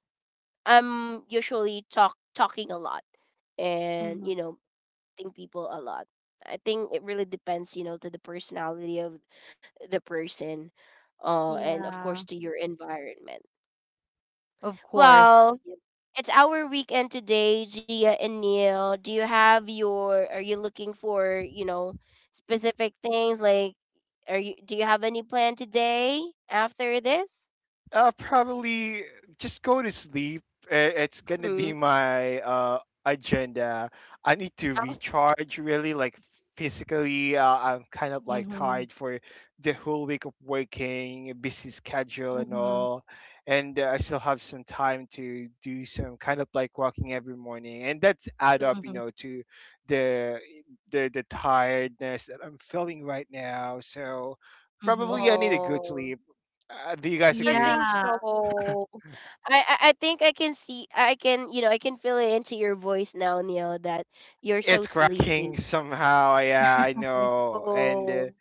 Speaker 1: I'm usually talking a lot and you
Speaker 3: Mm-hmm.
Speaker 1: know think people a lot. I think it really depends, you know, to the personality of the person, and of course
Speaker 3: Yeah,
Speaker 1: to your environment.
Speaker 3: of course.
Speaker 1: Well, it's our weekend today, Gia and Neil. Do you have your are you looking for, you know, specific things like are you do you have any plan today after this?
Speaker 2: Probably just go to sleep. It's gonna be
Speaker 1: Mhm.
Speaker 2: my agenda. I need to recharge, really, like physically. I'm kind of like
Speaker 3: Mm-hmm.
Speaker 2: tired for the whole week of working, busy schedule and
Speaker 3: Mm-hmm.
Speaker 2: all, and I still have some time to do some kind of like walking every morning, and that's add up, you
Speaker 3: Mm-hmm.
Speaker 2: know, to the the tiredness that I'm feeling right now. So
Speaker 3: Mm-hmm.
Speaker 2: probably I need a good
Speaker 1: Oh,
Speaker 2: sleep. Do you guys
Speaker 1: I
Speaker 2: agree?
Speaker 1: think
Speaker 3: Yeah.
Speaker 1: so. I, I think I can see I can, you know, I can feel it into your voice now, Neil, that you're so
Speaker 2: It's cracking
Speaker 1: sleepy.
Speaker 2: somehow. Yeah, I know. And uh,
Speaker 1: Oh.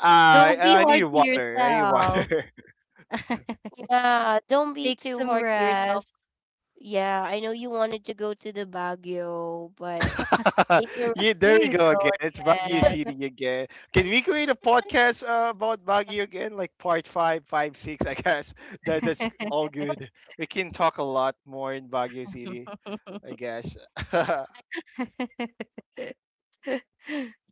Speaker 2: I
Speaker 3: Don't be
Speaker 2: I need
Speaker 3: hard to
Speaker 2: water. I need
Speaker 3: yourself.
Speaker 2: water.
Speaker 1: Yeah, don't be
Speaker 3: Take
Speaker 1: too
Speaker 3: some
Speaker 1: hard to yourself.
Speaker 3: rest.
Speaker 1: Yeah, I know you wanted to go to the Baguio, but take a
Speaker 2: Yeah,
Speaker 1: rest.
Speaker 2: there
Speaker 3: There
Speaker 2: we
Speaker 3: you
Speaker 2: go
Speaker 3: go
Speaker 2: again. It's Baguio
Speaker 3: again.
Speaker 2: City again. Can
Speaker 1: I
Speaker 2: we create a
Speaker 1: just want
Speaker 2: podcast
Speaker 1: to,
Speaker 2: about
Speaker 1: I
Speaker 2: Baguio again, like part six? I guess that that's all
Speaker 1: just want to.
Speaker 2: good. We can talk a lot more in Baguio City, I guess,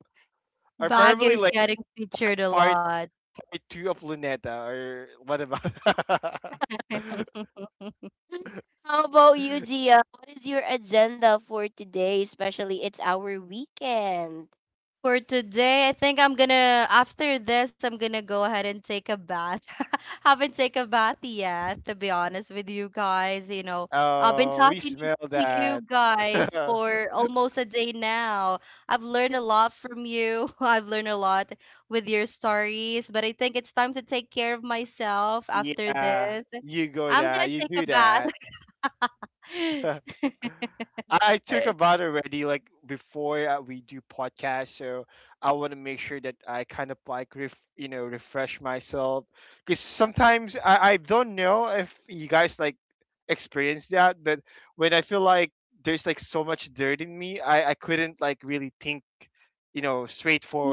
Speaker 2: or
Speaker 3: Baguio
Speaker 2: probably
Speaker 3: is
Speaker 2: like
Speaker 3: getting featured a
Speaker 2: part
Speaker 3: lot.
Speaker 2: part two of Luneta, or what about?
Speaker 1: How about you, Gia? What is your agenda for today? Especially, it's our weekend.
Speaker 3: For today, I think I'm gonna, after this, I'm gonna go ahead and take a bath. Haven't taken a bath yet, to be honest with you guys. You know, I've been
Speaker 2: Oh, we
Speaker 3: talking
Speaker 2: smell
Speaker 3: to you
Speaker 2: that.
Speaker 3: guys for almost a day now. I've learned a
Speaker 1: True.
Speaker 3: lot from you. I've learned a lot with your stories, but I think it's time to take care of myself after
Speaker 2: Yeah,
Speaker 3: this.
Speaker 2: you go
Speaker 3: I'm
Speaker 2: that,
Speaker 3: gonna
Speaker 2: you
Speaker 3: take a
Speaker 2: do
Speaker 3: bath.
Speaker 2: that. I took a bath already, like before we do podcast. So I want to make sure that I kind of like ref, you know, refresh myself, because sometimes I don't know if you guys like experience that, but when I feel like there's like so much dirt in me, I couldn't like really think, you know,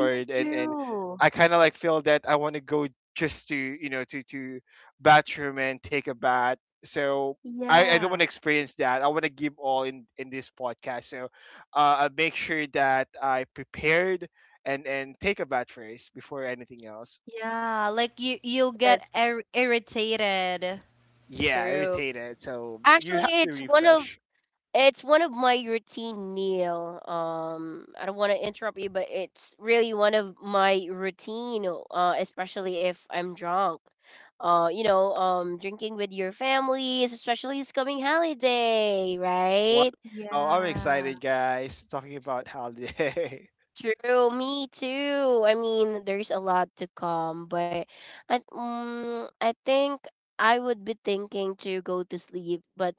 Speaker 3: Me
Speaker 2: and
Speaker 3: too.
Speaker 2: I kind of like feel that I want to go just to, you know, to bathroom and take a bath. So I don't want
Speaker 3: Yeah.
Speaker 2: to experience that. I want to give all in this podcast. So I make sure that I prepared and take a bath first before anything else.
Speaker 3: Yeah, like you you'll get
Speaker 1: That's
Speaker 3: ir irritated.
Speaker 2: Yeah,
Speaker 1: true.
Speaker 2: irritated. So you
Speaker 1: Actually,
Speaker 2: have to refresh.
Speaker 1: it's one of my routine meal. I don't want to interrupt you, but it's really one of my routine, especially if I'm drunk. You know, drinking with your families, especially it's coming holiday,
Speaker 2: Wow,
Speaker 1: right?
Speaker 2: I'm
Speaker 3: Yeah.
Speaker 2: excited, guys. Talking about holiday.
Speaker 1: True, me too. I mean, there's a lot to come, but I think I would be thinking to go to sleep, but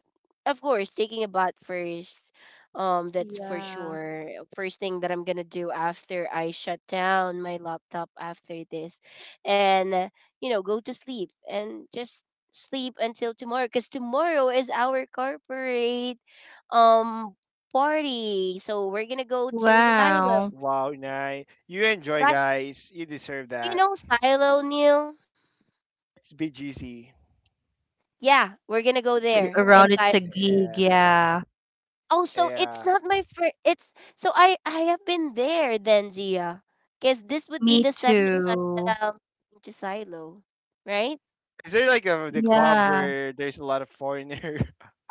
Speaker 1: of course, taking a bath first. That's for
Speaker 3: Yeah.
Speaker 1: sure. First thing that I'm gonna do after I shut down my laptop after this, and you know, go to sleep and just sleep until tomorrow, because tomorrow is our corporate um party. So we're gonna go to Silo.
Speaker 3: Wow.
Speaker 2: Wow, Nye. You
Speaker 1: Si
Speaker 2: enjoy, guys. You deserve
Speaker 1: you
Speaker 2: that.
Speaker 1: know Silo Neil.
Speaker 2: It's be juicy.
Speaker 1: Yeah, we're gonna go there. And
Speaker 3: Around
Speaker 1: Si
Speaker 3: it's a gig,
Speaker 2: Yeah,
Speaker 3: yeah.
Speaker 1: oh, so it's
Speaker 2: yeah.
Speaker 1: not my first. It's so I have been there then, Gia. Cause this would be
Speaker 3: Me
Speaker 1: the second time that
Speaker 3: too.
Speaker 1: I'm going to Silo, right?
Speaker 2: Is there like a the club
Speaker 3: Yeah.
Speaker 2: where there's a lot of foreigner?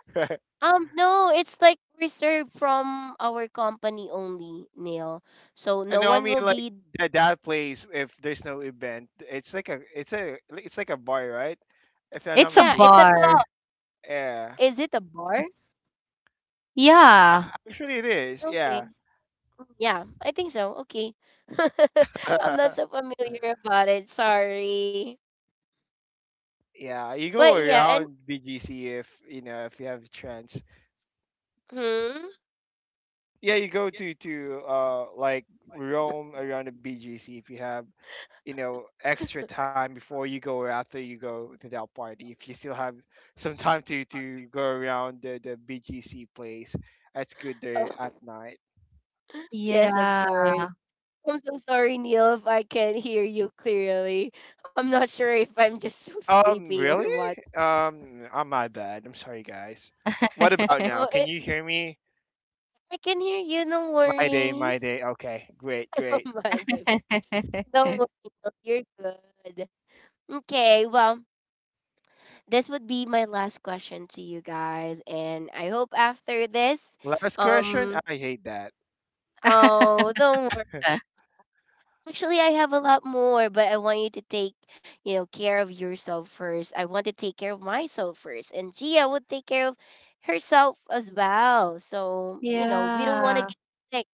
Speaker 1: No, it's like reserved from our company only, Neil. So
Speaker 2: I
Speaker 1: no
Speaker 2: know. I
Speaker 1: one
Speaker 2: mean,
Speaker 1: will
Speaker 2: like
Speaker 1: be.
Speaker 2: that place. If there's no event, it's like a, it's like a bar, right? If I'm not
Speaker 3: It's a
Speaker 1: Yeah, it's a
Speaker 2: mistaken.
Speaker 3: bar.
Speaker 1: club.
Speaker 2: Yeah,
Speaker 1: Is it a bar?
Speaker 3: Yeah.
Speaker 2: I it is.
Speaker 1: Okay.
Speaker 2: Yeah,
Speaker 1: Yeah, I think so. Okay. I'm not so familiar about it. Sorry.
Speaker 2: yeah. You
Speaker 1: But
Speaker 2: go
Speaker 1: yeah, and
Speaker 2: around BGC if you know if you have a chance.
Speaker 1: hmm.
Speaker 2: Yeah, you go to like roam around the BGC if you have, you know, extra time before you go, or after you go to that party, if you still have some time to go around the bgc place. That's good there at
Speaker 1: Oh,
Speaker 2: night.
Speaker 1: yes, of
Speaker 3: Yeah.
Speaker 1: course. I'm so sorry, Neil, if I can't hear you clearly. I'm not sure if I'm just so sleepy or
Speaker 2: Really
Speaker 1: what.
Speaker 2: I'm My bad, I'm sorry, guys. What about now,
Speaker 1: Oh,
Speaker 2: can
Speaker 1: it,
Speaker 2: you hear me?
Speaker 1: I can hear you. No
Speaker 2: My day, my
Speaker 1: worries.
Speaker 2: day, okay, great,
Speaker 1: Oh
Speaker 2: great.
Speaker 1: my, my, my. Don't worry, Neil, you're good. Okay, well, this would be my last question to you guys, and I hope after this,
Speaker 2: Last question,
Speaker 1: um,
Speaker 2: I hate that.
Speaker 1: oh, don't actually, I have a lot more, but I want you to take, you know, care of yourself first. I want to take care of myself first, and Gia would take care of herself as well. So, you know, we don't want to
Speaker 3: Yeah.
Speaker 1: get sick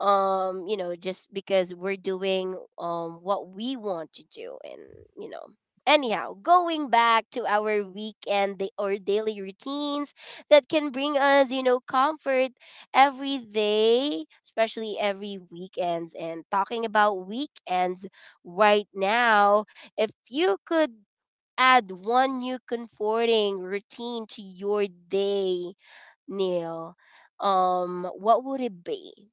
Speaker 1: you know just because we're doing what we want to do, and you know anyhow going back to our weekend or daily routines that can bring us you know comfort every day, especially every weekends. And talking about weekends right now, if you could add one new comforting routine to your day, Neil, what would it be?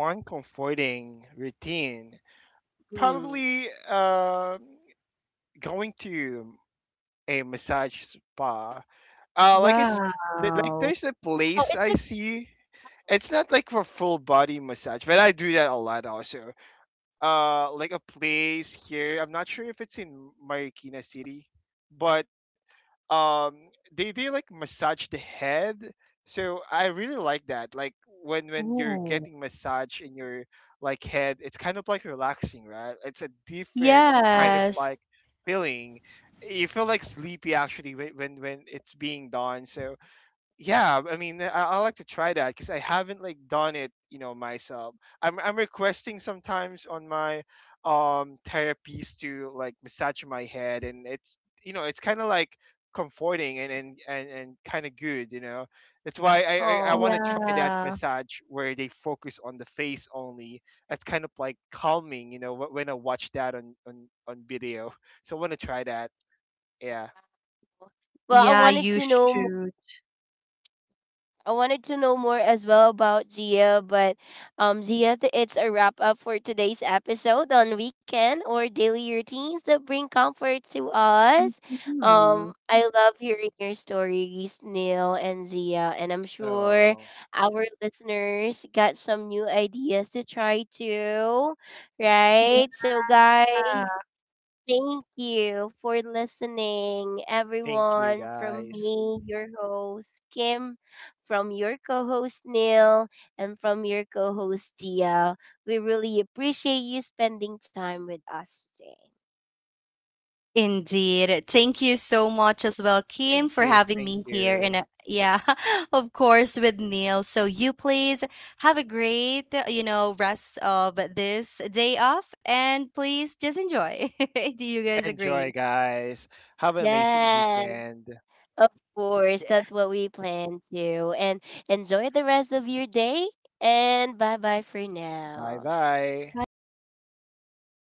Speaker 2: One comforting routine,
Speaker 1: Hmm.
Speaker 2: probably going to a massage spa. Like it's th- like
Speaker 3: Wow.
Speaker 2: there's a
Speaker 1: Wow,
Speaker 2: place
Speaker 1: it's
Speaker 2: I
Speaker 1: like
Speaker 2: see. It's not like for full body massage, but I do that a lot also. Like a place here. I'm not sure if it's in Marikina City, but they like massage the head. So I really like that. Like when you're getting
Speaker 3: Ooh.
Speaker 2: massage in your like head, it's kind of like relaxing, right? It's a different kind of
Speaker 1: true.
Speaker 3: Yes.
Speaker 2: like feeling. You feel like sleepy actually when it's being done. So yeah, I mean, I like to try that because I haven't like done it, you know, myself. I'm requesting sometimes on my therapies to like massage my head, and it's, you know, it's kind of like comforting and kind of good, you know. That's why I want
Speaker 1: Oh.
Speaker 2: to try that
Speaker 3: Yeah.
Speaker 2: massage where they focus on the face only. That's kind of like calming, you know, when I watch that on video. So I want to try that. Yeah.
Speaker 1: Well,
Speaker 3: Yeah,
Speaker 1: I
Speaker 3: you
Speaker 1: wanted to know
Speaker 3: should.
Speaker 1: I wanted to know more as well about Gia, but Gia, it's a wrap up for today's episode on weekend or daily routines that bring comfort to us.
Speaker 3: Mhm.
Speaker 1: I love hearing your stories, Neil and Zia, and I'm sure
Speaker 2: Oh,
Speaker 1: our listeners got some new ideas to try too,
Speaker 3: Yeah,
Speaker 1: right? So guys, thank you for listening,
Speaker 2: thank you,
Speaker 1: everyone. From
Speaker 2: guys.
Speaker 1: me, your host, Kim, from your co host, Neil, and from your co host, Gia. We really appreciate you spending time with us today.
Speaker 3: indeed. Thank you so much as well, Kim, for
Speaker 2: Thank you.
Speaker 3: having
Speaker 2: Thank
Speaker 3: me here. And
Speaker 2: you.
Speaker 3: yeah, of course, with Neil. So you please have a great, you know, rest of this day off, and please just enjoy. Do you guys
Speaker 2: Enjoy,
Speaker 3: agree?
Speaker 2: guys. Have an amazing
Speaker 1: Yes,
Speaker 2: weekend.
Speaker 1: of course. That's what we plan to. And enjoy the rest of your day. And bye bye for
Speaker 2: Bye
Speaker 1: now.
Speaker 2: bye.
Speaker 3: Bye bye.